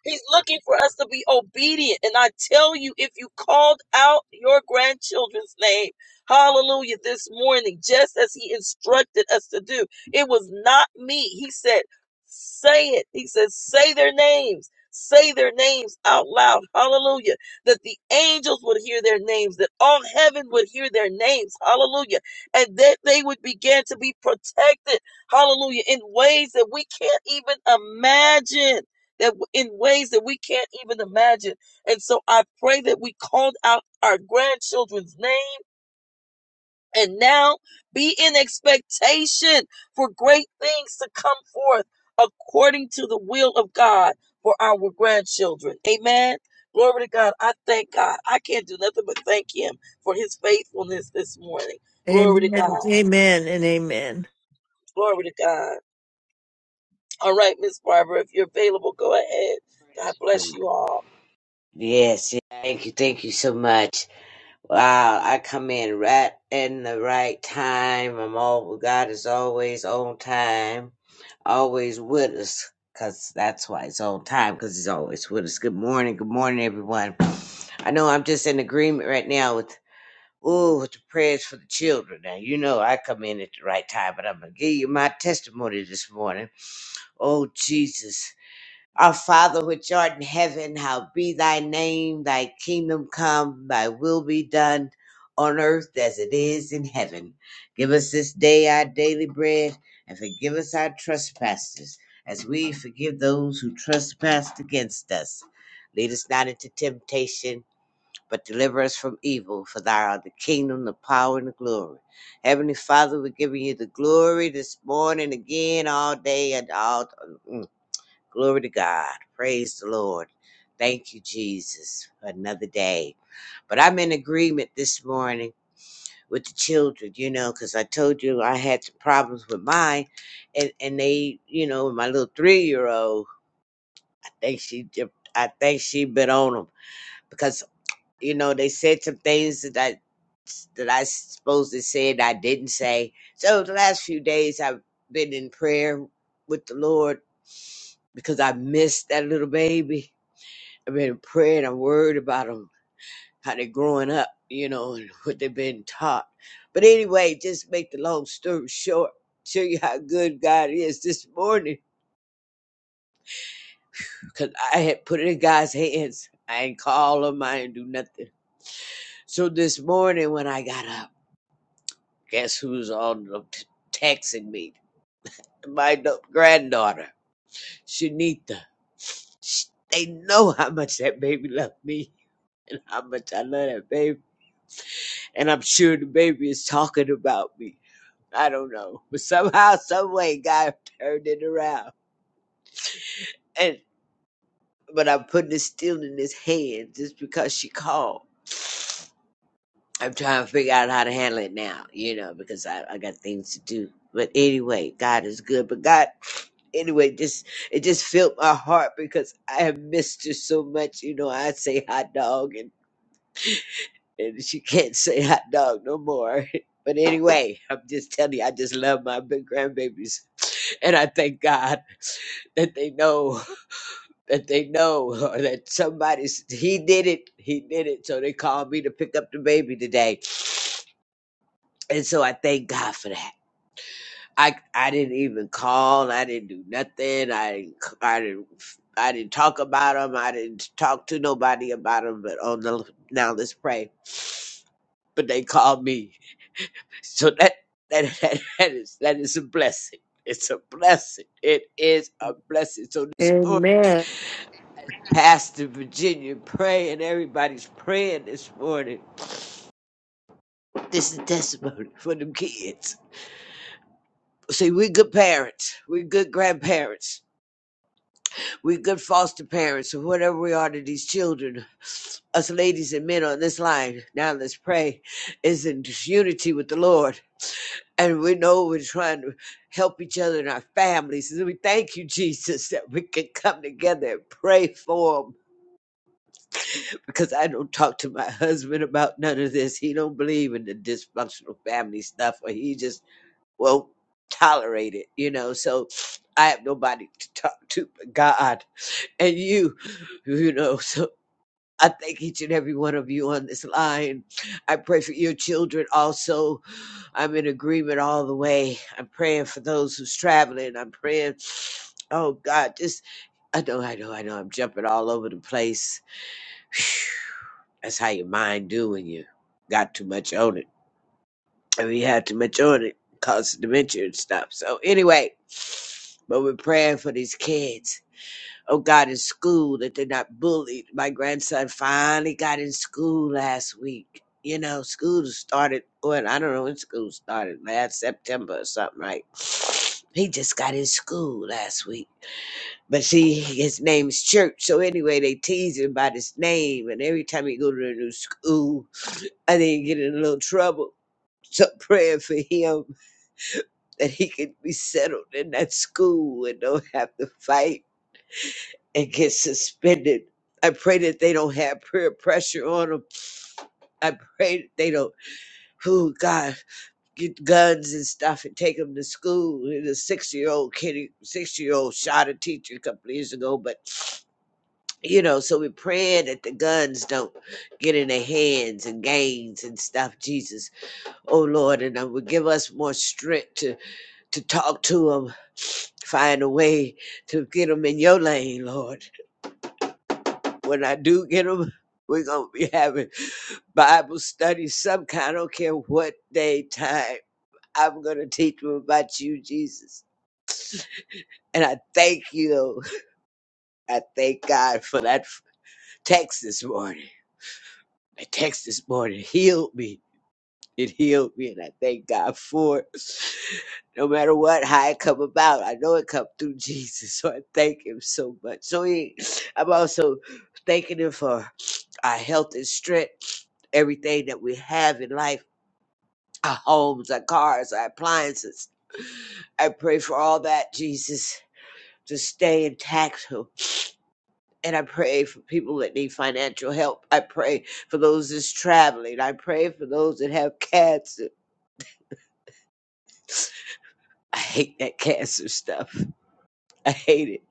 Speaker 1: He's looking for us to be obedient. And I tell you, if you called out your grandchildren's name, hallelujah, this morning, just as he instructed us to do, it was not me. He said, say it. He said, say their names. Say their names out loud. Hallelujah. That the angels would hear their names, that all heaven would hear their names. Hallelujah. And that they would begin to be protected. Hallelujah. In ways that we can't even imagine that in ways that we can't even imagine. And so I pray that we called out our grandchildren's name and now be in expectation for great things to come forth according to the will of God for our grandchildren. Amen. Glory to God. I thank God. I can't do nothing but thank Him for His faithfulness this morning. Glory to
Speaker 2: Amen.
Speaker 1: God.
Speaker 2: Amen and amen.
Speaker 1: Glory to God. All right, Miss Barbara, if you're available, go ahead. God bless you all.
Speaker 5: Yes, thank you, thank you so much. Wow, I come in right in the right time. I'm all God is always on time, always with us, cause that's why it's on time, cause He's always with us. Good morning, good morning, everyone. I know I'm just in agreement right now with. Oh, with the prayers for the children. Now, you know I come in at the right time, but I'm going to give you my testimony this morning. Oh, Jesus. Our Father, which art in heaven, how be thy name, thy kingdom come, thy will be done on earth as it is in heaven. Give us this day our daily bread, and forgive us our trespasses, as we forgive those who trespass against us. Lead us not into temptation but deliver us from evil. For thou art the kingdom, the power, and the glory. Heavenly Father, we're giving you the glory this morning, again, all day, and all. mm. glory to God. Praise the Lord. Thank you, Jesus, for another day. But I'm in agreement this morning with the children, you know, because I told you I had some problems with mine, and and they, you know, my little three year old, I think she, dip- I think she bit on them because. You know, they said some things that I that I supposed to say and I didn't say. So the last few days I've been in prayer with the Lord because I missed that little baby. I've been praying. I'm worried about them, how they're growing up, you know, and what they've been taught. But anyway, just make the long story short, show you how good God is this morning because I had put it in God's hands. I ain't call him. I ain't do nothing. So this morning when I got up. Guess who's on the t- texting me? My da- granddaughter, Shanita. Sh- They know how much that baby loved me and how much I love that baby. And I'm sure the baby is talking about me. I don't know. But somehow, some way, God turned it around. And but I'm putting it still in his hand just because she called. I'm trying to figure out how to handle it now, you know, because I, I got things to do. But anyway, God is good. But God anyway, just it just filled my heart because I have missed her so much. You know, I say hot dog, and and she can't say hot dog no more. But anyway, I'm just telling you, I just love my big grandbabies, and I thank God that they know that they know or that somebody's he did it, he did it. So they called me to pick up the baby today, and so I thank God for that. I I didn't even call. I didn't do nothing. I didn't c- I didn't I didn't talk about him. I didn't talk to nobody about him. But oh no, now let's pray. But they called me, so that that that, that is that is a blessing. It's a blessing. It is a blessing. So this morning,
Speaker 2: Amen.
Speaker 5: Pastor Virginia praying. Everybody's praying this morning. This is testimony for them kids. See, we are good parents. We are good grandparents We're good foster parents or whatever we are to these children. Us ladies and men on this line, now let's pray, is in unity with the Lord. And we know we're trying to help each other in our families. And we thank you, Jesus, that we can come together and pray for them. Because I don't talk to my husband about none of this. He don't believe in the dysfunctional family stuff, or he just won't tolerate it, you know. So I have nobody to talk to but God and you, you know. So. I thank each and every one of you on this line. I pray for your children also. I'm in agreement all the way. I'm praying for those who's traveling. I'm praying, oh God, just, I know, I know, I know, I'm jumping all over the place. That's how your mind do when you got too much on it. I mean, you had too much on it, causes dementia and stuff. So anyway, but we're praying for these kids oh God, in school that they're not bullied. My grandson finally got in school last week. You know, school started, well, I don't know when school started, last September or something, right? He just got in school last week. But see, his name's Church. So anyway, they tease him about his name. And every time he go to a new school, I think he get in a little trouble. So praying for him that he can be settled in that school and don't have to fight and get suspended. I pray that they don't have peer pressure on them. I pray that they don't, oh God, get guns and stuff and take them to school. And a six year old kid, six year old shot a teacher a couple of years ago, but you know, so we're praying that the guns don't get in their hands and gangs and stuff, Jesus. Oh Lord, and that would give us more strength to, to talk to them, find a way to get them in your lane, Lord. When I do get them, we're going to be having Bible study, some kind. I don't care what day, time. I'm going to teach them about you, Jesus. And I thank you. I thank God for that f- text this morning. The text this morning healed me. It healed me, and I thank God for it. No matter what, how it come about, I know it come through Jesus, so I thank Him so much. So he, I'm also thanking Him for our health and strength, everything that we have in life, our homes, our cars, our appliances. I pray for all that, Jesus, to stay intact. And I pray for people that need financial help. I pray for those that's traveling. I pray for those that have cancer. I hate that cancer stuff. I hate it.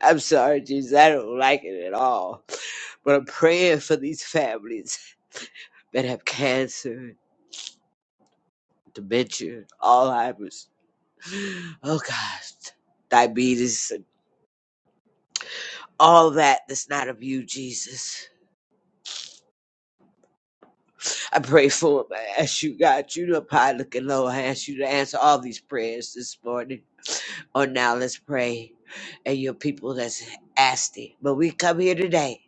Speaker 5: I'm sorry, Jesus. I don't like it at all. But I'm praying for these families that have cancer, dementia, Alzheimer's. Oh gosh, diabetes and all that that's not of you, Jesus. I pray for him. I ask you, God, you know, high looking low. I ask you to answer all these prayers this morning. Or now let's pray. And your people that's asking. But we come here today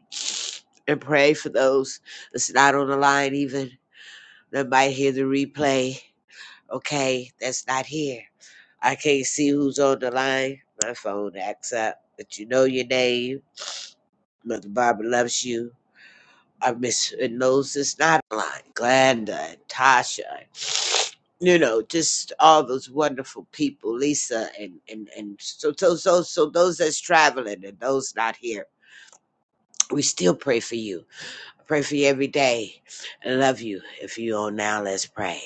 Speaker 5: and pray for those that's not on the line even that might hear the replay. Okay, that's not here. I can't see who's on the line. My phone acts up. But you know your name. Mother Barbara loves you. I miss her and Moses Notline, Glenda, and Tasha, you know, just all those wonderful people, Lisa, and and and so so so so those that's traveling and those not here. We still pray for you. I pray for you every day. I love you. If you on now, let's pray.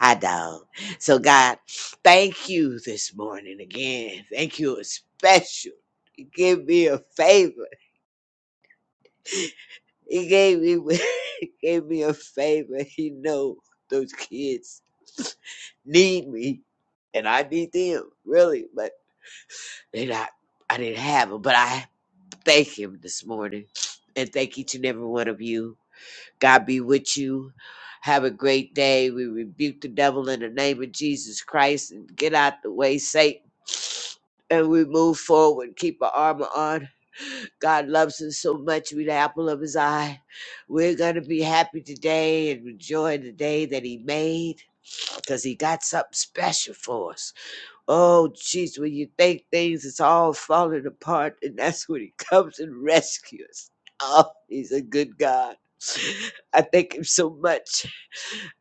Speaker 5: I don't. So God, thank you this morning again. Thank you a special. Give me a favor. He gave me he gave me a favor. He know those kids need me, and I need them really. But they not. I didn't have them, but I thank him this morning, and thank each and every one of you. God be with you. Have a great day. We rebuke the devil in the name of Jesus Christ and get out the way, Satan. And we move forward. Keep our armor on God loves us so much. We're the apple of his eye. We're going to be happy today and enjoy the day that he made because he got something special for us. Oh, jeez, when you think things is all falling apart, and that's when he comes and rescues. Oh, he's a good God. I thank him so much.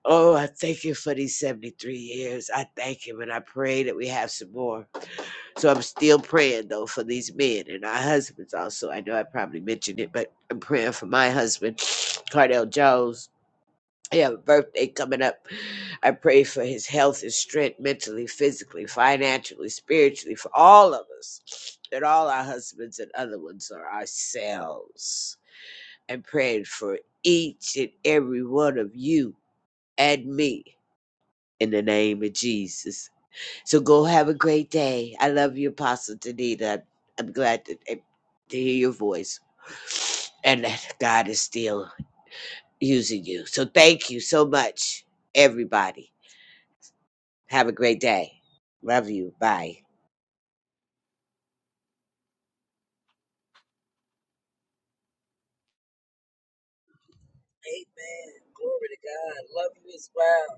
Speaker 5: Oh, I thank him for these 73 years. I thank him and I pray that we have some more. So I'm still praying though for these men and our husbands also. I know I probably mentioned it, but I'm praying for my husband, Cardell Jones. He have a birthday coming up. I pray for his health and strength mentally, physically, financially, spiritually, for all of us. That all our husbands and other ones are ourselves. I'm praying for each and every one of you and me in the name of Jesus. So go have a great day. I love you, Apostle Danita. I'm glad to, to hear your voice and that God is still using you. So thank you so much, everybody. Have a great day. Love you. Bye.
Speaker 1: Amen. Glory to God. Love you as well.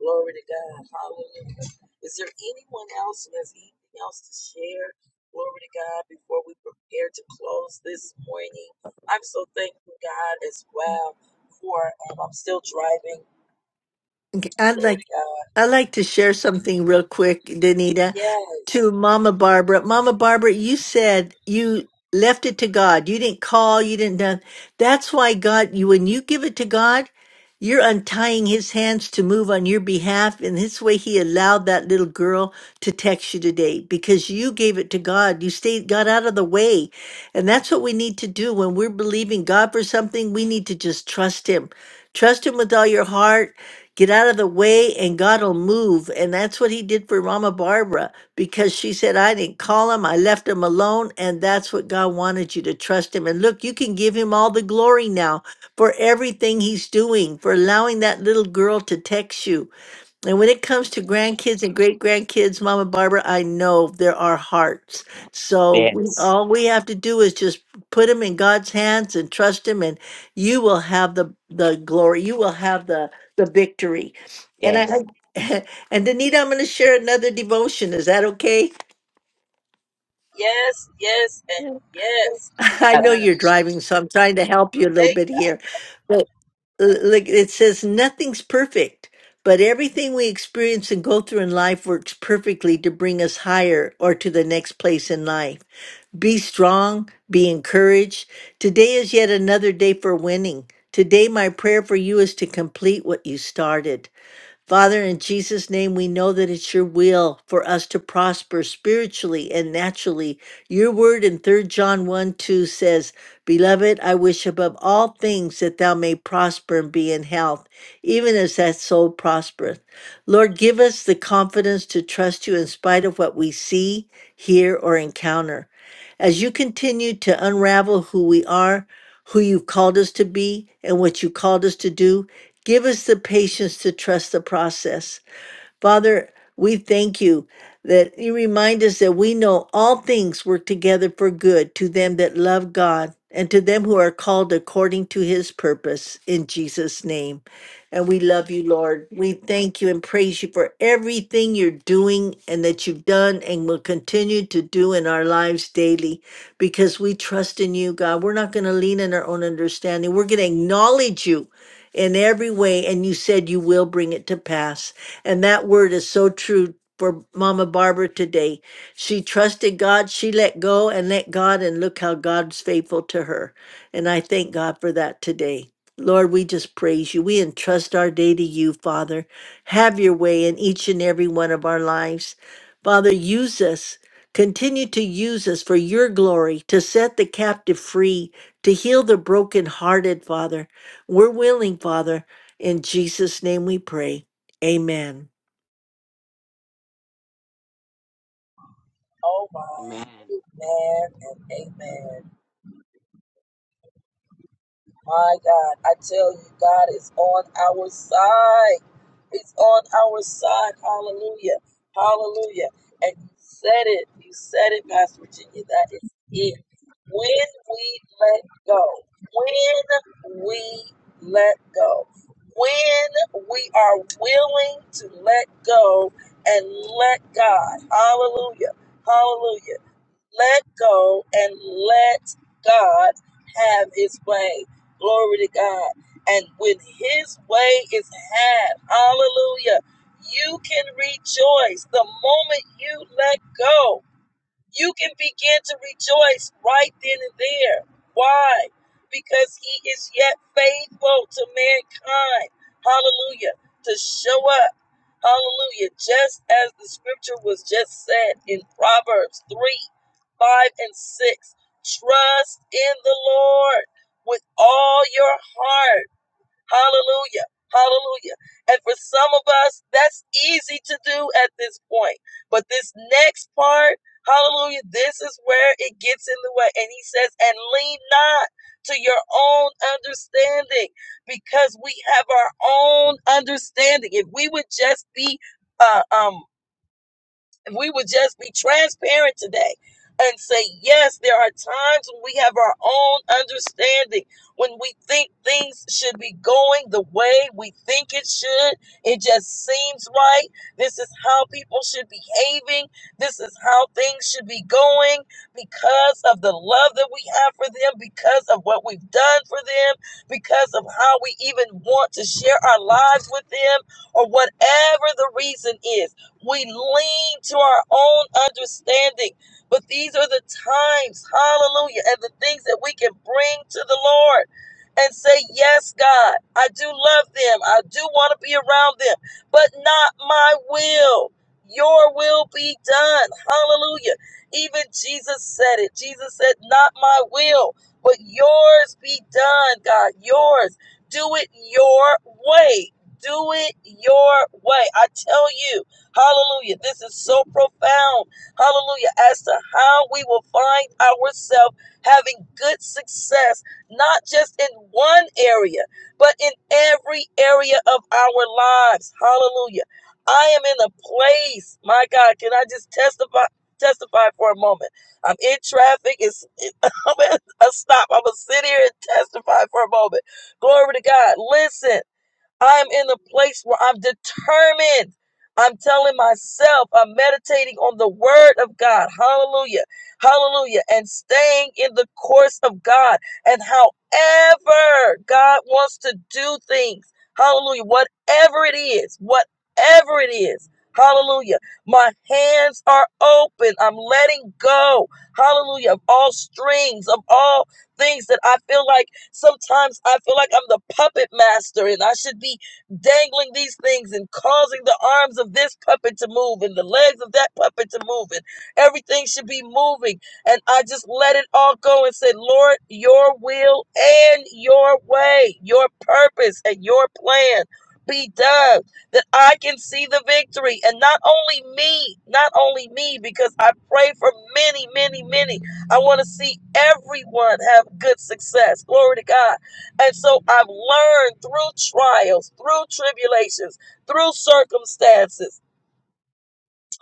Speaker 1: Glory to God. Hallelujah. Is there anyone else who has anything else to share? Glory to God. Before we prepare to close this morning, I'm so thankful, God, as well for um, I'm still driving.
Speaker 2: Okay, I'd like.
Speaker 1: Glory to God.
Speaker 2: I like to share something real quick, Danita,
Speaker 1: Yes.
Speaker 2: to Mama Barbara. Mama Barbara, you said you left it to God. You didn't call, you didn't done. That's why God, you when you give it to God, you're untying his hands to move on your behalf. And this way he allowed that little girl to text you today because you gave it to God. You stayed, got out of the way. And that's what we need to do when we're believing God for something. We need to just trust him. Trust him with all your heart Get out of the way and God will move. And that's what he did for Mama Barbara because she said, I didn't call him. I left him alone. And that's what God wanted you to trust him. And look, you can give him all the glory now for everything he's doing, for allowing that little girl to text you and when it comes to grandkids and great grandkids, Mama Barbara, I know there are hearts. So we,
Speaker 5: Yes.
Speaker 2: all we have to do is just put them in God's hands and trust Him, and you will have the the glory. You will have the the victory. And I
Speaker 5: Yes.
Speaker 2: I- and Danita, I'm going to share another devotion. Is that okay?
Speaker 1: Yes. Yes. And
Speaker 2: Yeah.
Speaker 1: yes. Glory to
Speaker 2: I
Speaker 5: Love
Speaker 2: know
Speaker 1: God.
Speaker 5: you.
Speaker 2: you're driving, so I'm trying to help you a little
Speaker 1: Thank.
Speaker 2: bit
Speaker 1: you.
Speaker 2: here. l- like it says nothing's perfect but everything we experience and go through in life works perfectly to bring us higher or to the next place in life be strong be encouraged today is yet another day for winning today my prayer for you is to complete what you started Father, in Jesus' name, we know that it's your will for us to prosper spiritually and naturally. Your word in Third John 1 2 says, Beloved, I wish above all things that thou may prosper and be in health, even as that soul prospereth. Lord, give us the confidence to trust you in spite of what we see, hear, or encounter. As you continue to unravel who we are, who you've called us to be, and what you called us to do, give us the patience to trust the process. Father, we thank you that you remind us that we know all things work together for good to them that love God and to them who are called according to his purpose in Jesus' name. And we love you, Lord. We thank you and praise you for everything you're doing and that you've done and will continue to do in our lives daily because we trust in you, God. We're not going to lean in our own understanding. We're going to acknowledge you in every way, and you said you will bring it to pass. And that word is so true for Mama Barbara today. She trusted God, she let go and let God, and look how God's faithful to her. And I thank God for that today. Lord, we just praise you. We entrust our day to you, Father. Have your way in each and every one of our lives. Father, use us. Continue to use us for your glory, to set the captive free, to heal the brokenhearted, Father we're willing, Father. In Jesus' name we pray. Amen.
Speaker 1: Oh my.
Speaker 5: Amen.
Speaker 1: Amen. And amen. My God, I tell you, God is on our side. He's on our side. Hallelujah. Hallelujah. And you said it. You said it, Pastor Virginia. That is it. When we let go, when we let go, when we are willing to let go and let God, hallelujah, hallelujah let go and let God have his way. Glory to God. And when his way is had, hallelujah, you can rejoice the moment you let go. You can begin to rejoice right then and there. Why? Because he is yet faithful to mankind. Hallelujah. To show up. Hallelujah. Just as the scripture was just said in Proverbs 3 5 and 6. Trust in the Lord with all your heart Hallelujah. Hallelujah. And for some of us, that's easy to do at this point. But this next part, hallelujah, this is where it gets in the way. And he says, and lean not to your own understanding because we have our own understanding. If we would just be uh, um, if we would just be transparent today and say, yes, there are times when we have our own understanding, when we think things should be going the way we think it should. It just seems right. This is how people should be behaving. This is how things should be going because of the love that we have for them, because of what we've done for them, because of how we even want to share our lives with them, or whatever the reason is. We lean to our own understanding. But these are the times, hallelujah, and the things that we can bring to the Lord and say, Yes, God, I do love them. I do want to be around them, but not my will. Your will be done. Hallelujah. Even Jesus said it. Jesus said, Not my will, but yours be done, God. Yours. Do it your way. Do it your way. I tell you. Hallelujah. This is so profound. Hallelujah. As to how we will find ourselves having good success, not just in one area, but in every area of our lives. Hallelujah. I am in a place, my God, can I just testify? Testify for a moment. I'm in traffic. It's it, I'm at a stop. I'm gonna sit here and testify for a moment. Glory to God. Listen. I'm in a place where I'm determined. I'm telling myself, I'm meditating on the word of God. Hallelujah. Hallelujah. And staying in the course of God and however God wants to do things. Hallelujah. Whatever it is, whatever it is. Hallelujah. My hands are open. I'm letting go. Hallelujah. Of all strings, of all things that I feel like. Sometimes I feel like I'm the puppet master and I should be dangling these things and causing the arms of this puppet to move and the legs of that puppet to move and everything should be moving. And I just let it all go and said, Lord, your will and your way, your purpose and your plan be done that I can see the victory. And not only me, not only me, because I pray for many, many, many. I want to see everyone have good success. Glory to God. And so I've learned through trials, through tribulations, through circumstances,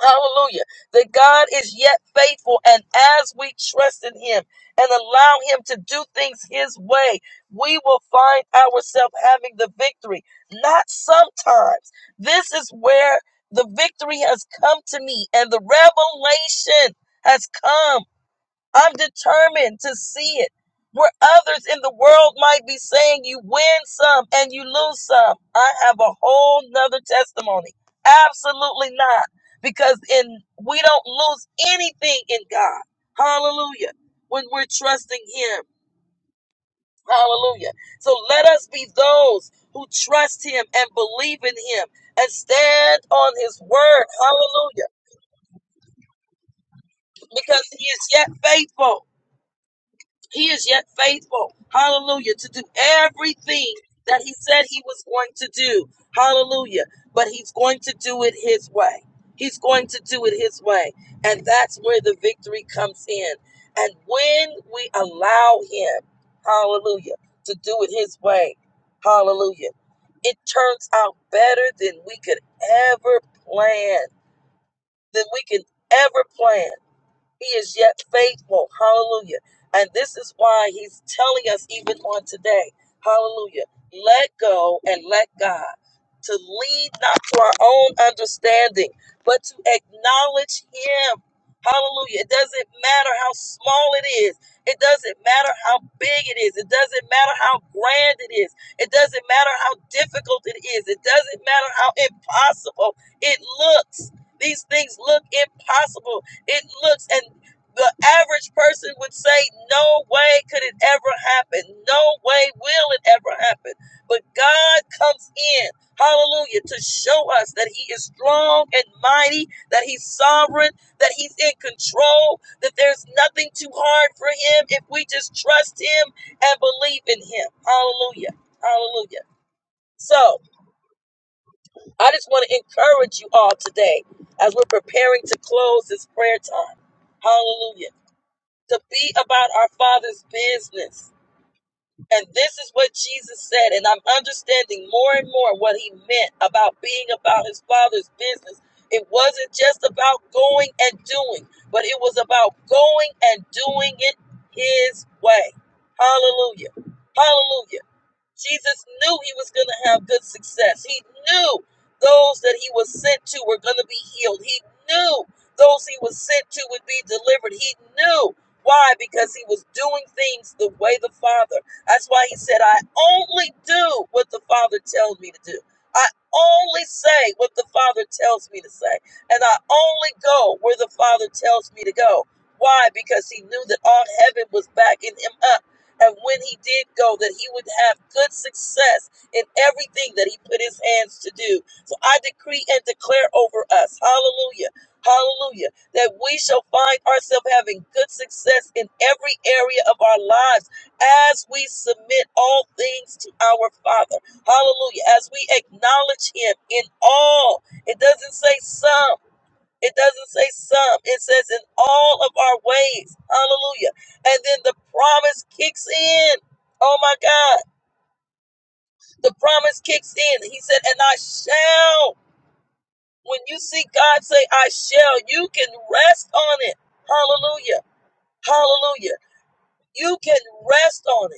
Speaker 1: hallelujah, that God is yet faithful. And as we trust in Him and allow Him to do things His way, we will find ourselves having the victory. Not sometimes. This is where the victory has come to me and the revelation has come. I'm determined to see it. Where others in the world might be saying you win some and you lose some. I have a whole nother testimony. Absolutely not. Because in we don't lose anything in God. Hallelujah. When we're trusting him. Hallelujah. So let us be those who trust him and believe in him and stand on his word. Hallelujah. Because he is yet faithful. He is yet faithful, hallelujah, to do everything that he said he was going to do, hallelujah. But he's going to do it his way. He's going to do it his way. And that's where the victory comes in. And when we allow him, hallelujah, to do it his way, hallelujah, it turns out better than we could ever plan, than we can ever plan. He is yet faithful. Hallelujah. And this is why he's telling us even on today. Hallelujah. Let go and let God to lead not to our own understanding, but to acknowledge him. Hallelujah. It doesn't matter how small it is. It doesn't matter how big it is. It doesn't matter how grand it is. It doesn't matter how difficult it is. It doesn't matter how impossible it looks. These things look impossible it looks, and the average person would say, No way could it ever happen. No way will it ever happen. But God comes in, hallelujah, to show us that He is strong and mighty, that He's sovereign, that He's in control, that there's nothing too hard for Him if we just trust Him and believe in Him. Hallelujah. Hallelujah. So, I just want to encourage you all today as we're preparing to close this prayer time. Hallelujah to be about our Father's business. And this is what Jesus said. And I'm understanding more and more what he meant about being about his Father's business. It wasn't just about going and doing, but it was about going and doing it his way. Hallelujah. Hallelujah. Jesus knew he was going to have good success. He knew those that he was sent to were going to be healed. He knew those he was sent to would be delivered. He knew. Why? Because he was doing things the way the Father. That's why he said, I only do what the Father tells me to do. I only say what the Father tells me to say. And I only go where the Father tells me to go. Why? Because he knew that all heaven was backing him up and when he did go, that he would have good success in everything that he put his hands to do. So I decree and declare over us, hallelujah, hallelujah, that we shall find ourselves having good success in every area of our lives as we submit all things to our Father, hallelujah, as we acknowledge him in all. It doesn't say some. It doesn't say some. It says in all of our ways. Hallelujah. And then the promise kicks in. Oh my God. The promise kicks in. He said, and I shall. When you see God say, I shall, you can rest on it. Hallelujah. Hallelujah. You can rest on it.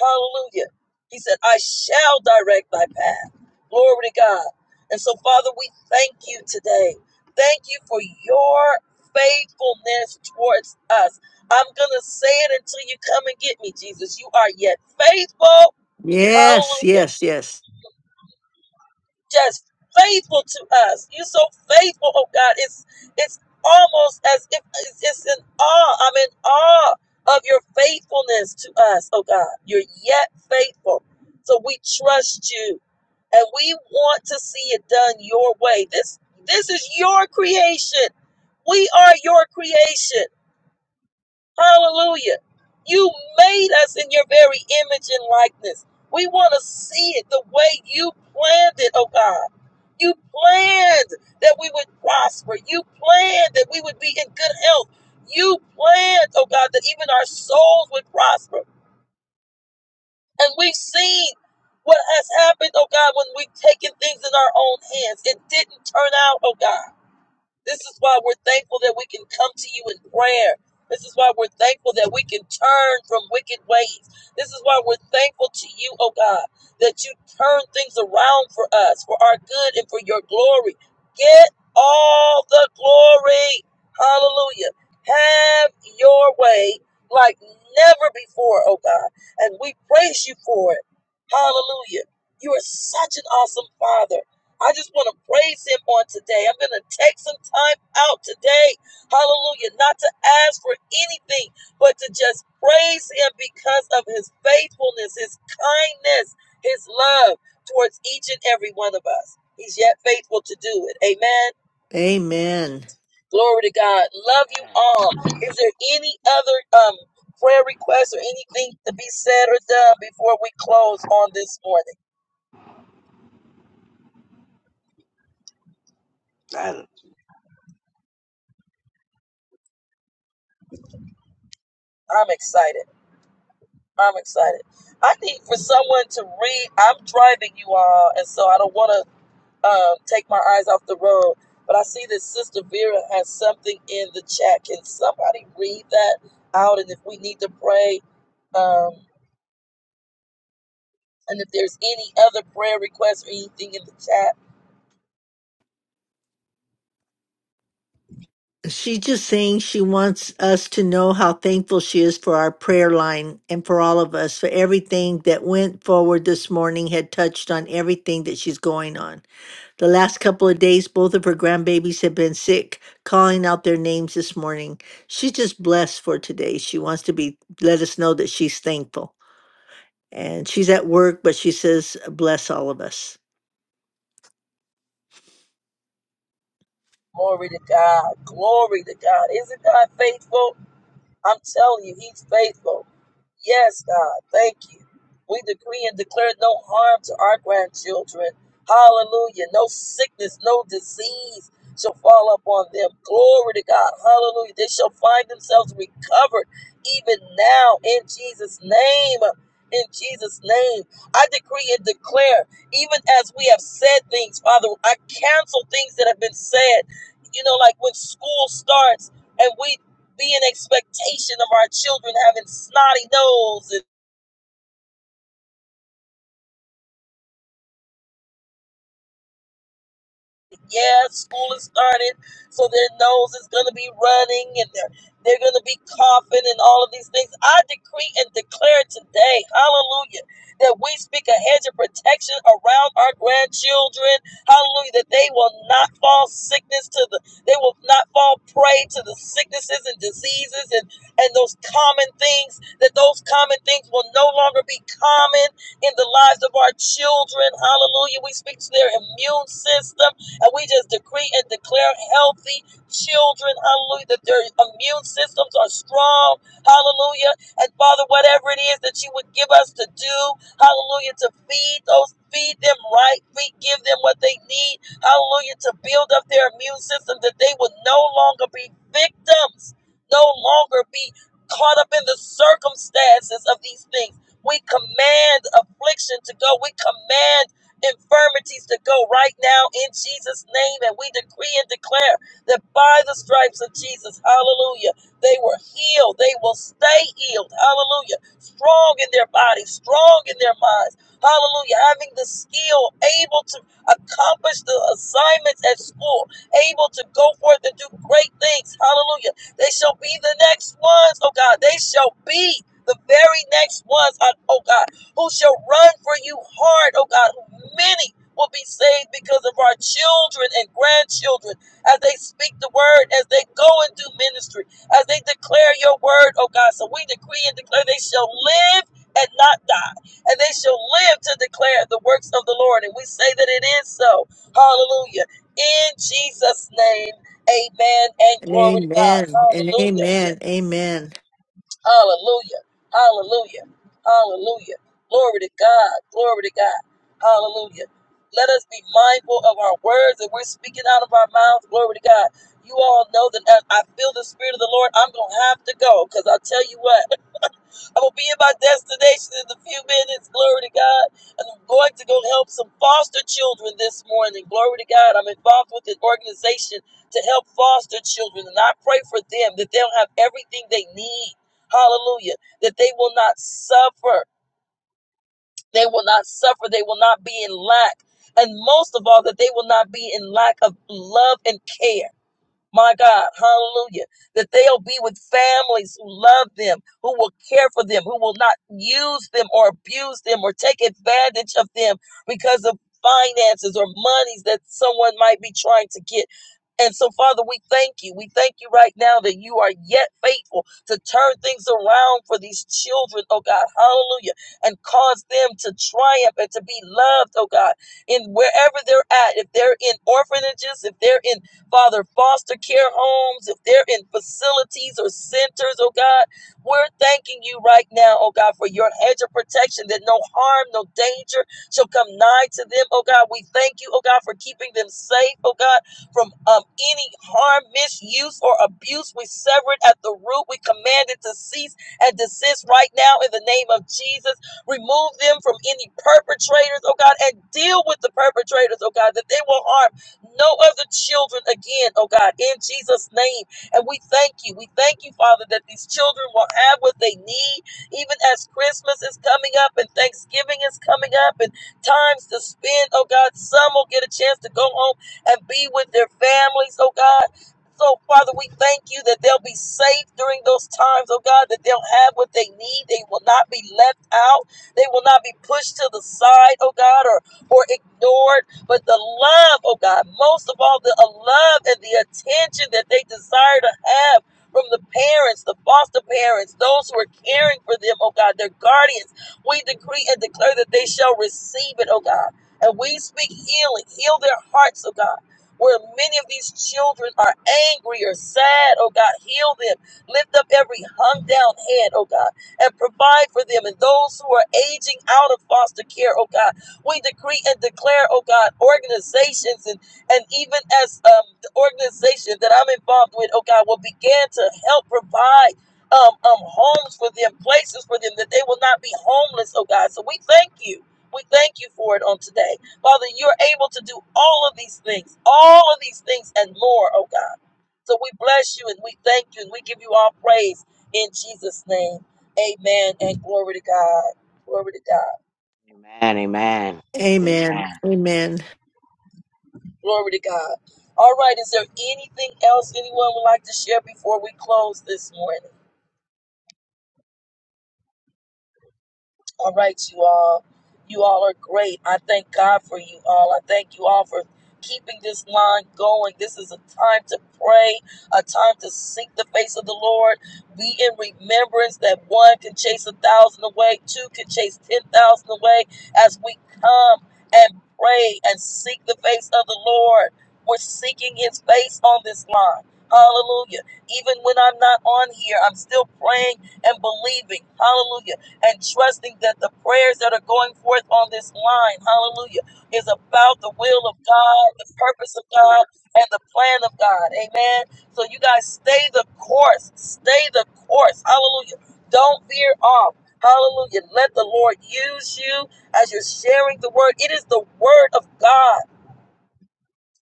Speaker 1: Hallelujah. He said, I shall direct thy path. Glory to God. And so, Father, we thank you today. Thank you for your faithfulness towards us. I'm going to say it until you come and get me, Jesus. You are yet faithful.
Speaker 2: Yes,
Speaker 1: Hallelujah
Speaker 2: yes, yes.
Speaker 1: just faithful to us. You're so faithful, oh God. It's it's almost as if it's, it's in awe. I'm in awe of your faithfulness to us, oh God. You're yet faithful. So we trust you and we want to see it done your way. This this is your creation. We are your creation. Hallelujah. You made us in your very image and likeness. We want to see it the way you planned it, oh God. You planned that we would prosper. You planned that we would be in good health. You planned, oh God, that even our souls would prosper. And we've seen what has happened, oh God, when we've taken things in our own hands. It didn't turn out, oh God this is why we're thankful that we can come to you in prayer. This is why we're thankful that we can turn from wicked ways. This is why we're thankful to you, oh God, that you turn things around for us, for our good and for your glory. Get all the glory. Hallelujah. Have your way like never before, oh God. And we praise you for it. Hallelujah. You are such an awesome Father. I just want to praise him on today. I'm going to take some time out today, hallelujah, not to ask for anything, but to just praise him because of his faithfulness, his kindness, his love towards each and every one of us. He's yet faithful to do it. Amen.
Speaker 2: Amen.
Speaker 1: Glory to God. Love you all. Is there any other um prayer requests or anything to be said or done before we close on this morning?
Speaker 5: I
Speaker 1: I'm excited. I'm excited. I need for someone to read. I'm driving you all, and so I don't want to um, take my eyes off the road. But I see that Sister Vera has something in the chat. Can somebody read that out? And if we need to pray, um, and if there's any other prayer requests or anything in the chat,
Speaker 2: She's just saying she wants us to know how thankful she is for our prayer line and for all of us, for everything that went forward this morning had touched on everything that she's going on. The last couple of days, both of her grandbabies have been sick, calling out their names this morning. She's just blessed for today. She wants to be let us know that she's thankful. and she's at work, but she says, bless all of us.
Speaker 1: glory to God. Glory to God. Isn't God faithful? I'm telling you, He's faithful. Yes, God, thank you. We decree and declare no harm to our grandchildren. Hallelujah. No sickness, no disease shall fall upon them. Glory to God. Hallelujah. They shall find themselves recovered even now in Jesus' name. In Jesus' name, I decree and declare, even as we have said things, Father, I cancel things that have been said. You know, like when school starts, and we be an expectation of our children having snotty nose and Yeah, school has started, so their nose is going to be running and they're, they're going to be coughing and all of these things. I decree and declare today, hallelujah, that we speak a hedge of protection around our grandchildren. Hallelujah, that they will not fall sickness to the, they will not fall prey to the sicknesses and diseases and, and those common things, that those common things will no longer be common in the lives of our children. Hallelujah, we speak to their immune system. And we just decree and declare healthy children, hallelujah, that their immune systems are strong, hallelujah. And Father, whatever it is that you would give us to do, hallelujah, to feed those, feed them right, feed, give them what they need, hallelujah, to build up their immune system that they would no longer be victims, no longer be caught up in the circumstances of these things. We command affliction to go. We command infirmities to go right now in Jesus' name. And we decree and declare that by the stripes of Jesus, hallelujah, they were healed. They will stay healed, hallelujah, strong in their bodies, strong in their minds, hallelujah, having the skill, able to accomplish the assignments at school, able to go forth and do great things, hallelujah. They shall be the next ones, oh God, they shall be. The very next ones, oh God, who shall run for you hard, oh God, who many will be saved because of our children and grandchildren as they speak the word, as they go and do ministry, as they declare your word, oh God. So we decree and declare they shall live and not die, and they shall live to declare the works of the Lord. And we say that it is so. Hallelujah. In Jesus' name, amen and glory to God.
Speaker 2: amen. And
Speaker 1: Hallelujah.
Speaker 2: amen. Amen.
Speaker 1: Hallelujah. Hallelujah. Hallelujah. Glory to God. Glory to God. Hallelujah. Let us be mindful of our words that we're speaking out of our mouths. Glory to God. You all know that as I feel the Spirit of the Lord, I'm going to have to go because I'll tell you what i will be in my destination in a few minutes. Glory to God. And I'm going to go help some foster children this morning. Glory to God. I'm involved with an organization to help foster children. And I pray for them that they'll have everything they need. Hallelujah. That they will not suffer. They will not suffer. They will not be in lack. And most of all, that they will not be in lack of love and care my God, hallelujah, that they'll be with families who love them, who will care for them, who will not use them or abuse them or take advantage of them because of finances or monies that someone might be trying to get. And so, Father, we thank you. We thank you right now that you are yet faithful to turn things around for these children, oh God, hallelujah, and cause them to triumph and to be loved, oh God, in wherever they're at. If they're in orphanages, if they're in Father, foster care homes, if they're in facilities or centers, oh God, we're thanking you right now, oh God, for your hedge of protection that no harm, no danger shall come nigh to them, oh God. We thank you, oh God, for keeping them safe, oh God, from um, any harm, misuse, or abuse. We sever it at the root. We command it to cease and desist right now in the name of Jesus. Remove them from any perpetrators, oh God, and deal with the perpetrators, oh God, that they will harm no other children again, oh God, in Jesus' name. And we thank you. We thank you, Father, that these children will have what they need, even as Christmas is coming up and Thanksgiving is coming up and times to spend, oh God. Some will get a chance to go home and be with their families, oh God. So, Father, we thank you that they'll be safe during those times, oh God, that they'll have what they need. They will not be left out. They will not be pushed to the side, oh God, or, or ignored but the love, oh God, most of all, the uh, love and the attention that they desire to have from the parents, the foster parents, those who are caring for them, oh God, their guardians, we decree and declare that they shall receive it, oh God. And we speak healing, heal their hearts, oh God. Where many of these children are angry or sad, oh God, heal them. Lift up every hung down head, oh God, and provide for them. And those who are aging out of foster care, oh God, we decree and declare, oh God, organizations and, and even as um, the organization that I'm involved with, oh God, will begin to help provide um, um, homes for them, places for them, that they will not be homeless, oh God. So we thank you. We thank you for it on today. Father, you're able to do all of these things, all of these things and more, oh God. So we bless you and we thank you and we give you all praise in Jesus' name. Amen and glory to God. Glory to God.
Speaker 5: Amen. Amen. Love
Speaker 2: Amen. Amen.
Speaker 1: Glory to God. All right, is there anything else anyone would like to share before we close this morning? All right, you all. You all are great. I thank God for you all. I thank you all for keeping this line going. This is a time to pray, a time to seek the face of the Lord. Be in remembrance that one can chase a thousand away, two can chase ten thousand away as we come and pray and seek the face of the Lord. We're seeking his face on this line. Hallelujah. Even when I'm not on here, I'm still praying and believing. Hallelujah and trusting that the prayers that are going forth on this line, hallelujah, is about the will of God, the purpose of God, and the plan of God. Amen. So you guys stay the course. Stay the course. Hallelujah. Don't veer off. Hallelujah. Let the Lord use you as you're sharing the word. It is the word of God.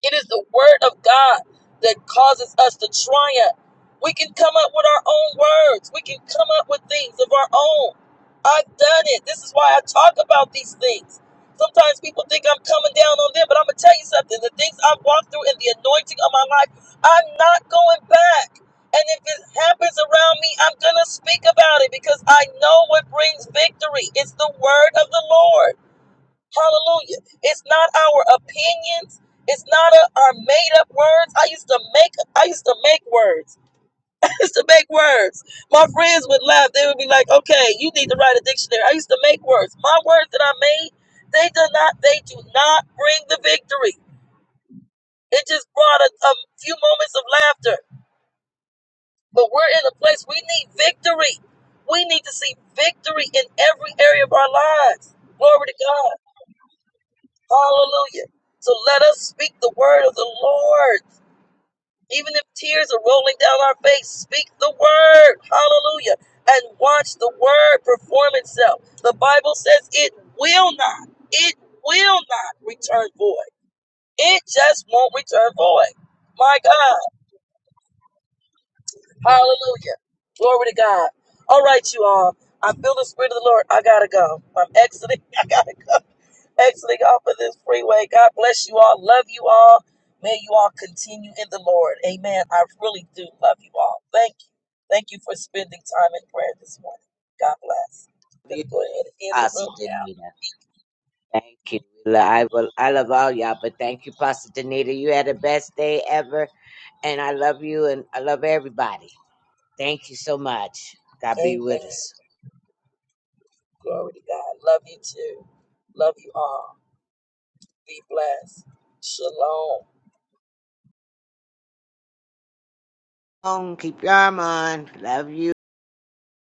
Speaker 1: It is the word of God that causes us to triumph. We can come up with our own words. We can come up with things of our own. I've done it. This is why I talk about these things. Sometimes people think I'm coming down on them, but I'm going to tell you something. The things I've walked through and the anointing of my life, I'm not going back. And if it happens around me, I'm going to speak about it because I know what brings victory. It's the word of the Lord. Hallelujah. It's not our opinions. It's not a, our made up words. I used to make I used to make words. I used to make words. My friends would laugh. They would be like, okay, you need to write a dictionary. I used to make words. My words that I made, they do not they do not bring the victory. It just brought a, a few moments of laughter. But we're in a place we need victory. We need to see victory in every area of our lives. Glory to God. Hallelujah. So let us speak the word of the Lord. Even if tears are rolling down our face, speak the word. Hallelujah. And watch the word perform itself. The Bible says it will not, it will not return void. It just won't return void. My God. Hallelujah. Glory to God. All right, you all. I feel the spirit of the Lord. I gotta go. I'm exiting. I gotta go. exiting off of this freeway. God bless you all. Love you all. May you all continue in the Lord. Amen. I really do love you all. Thank you. Thank you for spending time in prayer this morning. God bless. I'm going
Speaker 5: you
Speaker 1: to go ahead and
Speaker 5: too.
Speaker 1: end the
Speaker 5: Apostle
Speaker 1: room now.
Speaker 5: Danita. Thank you. Lo- I will, I love all y'all, but thank you, Pastor Danita. You had the best day ever, and I love you, and I love everybody. Thank you so much. God be with
Speaker 1: Amen.
Speaker 5: us.
Speaker 1: Glory to God. Love you too. Love you all. Be blessed. Shalom.
Speaker 5: Um, keep your arm on. Love you.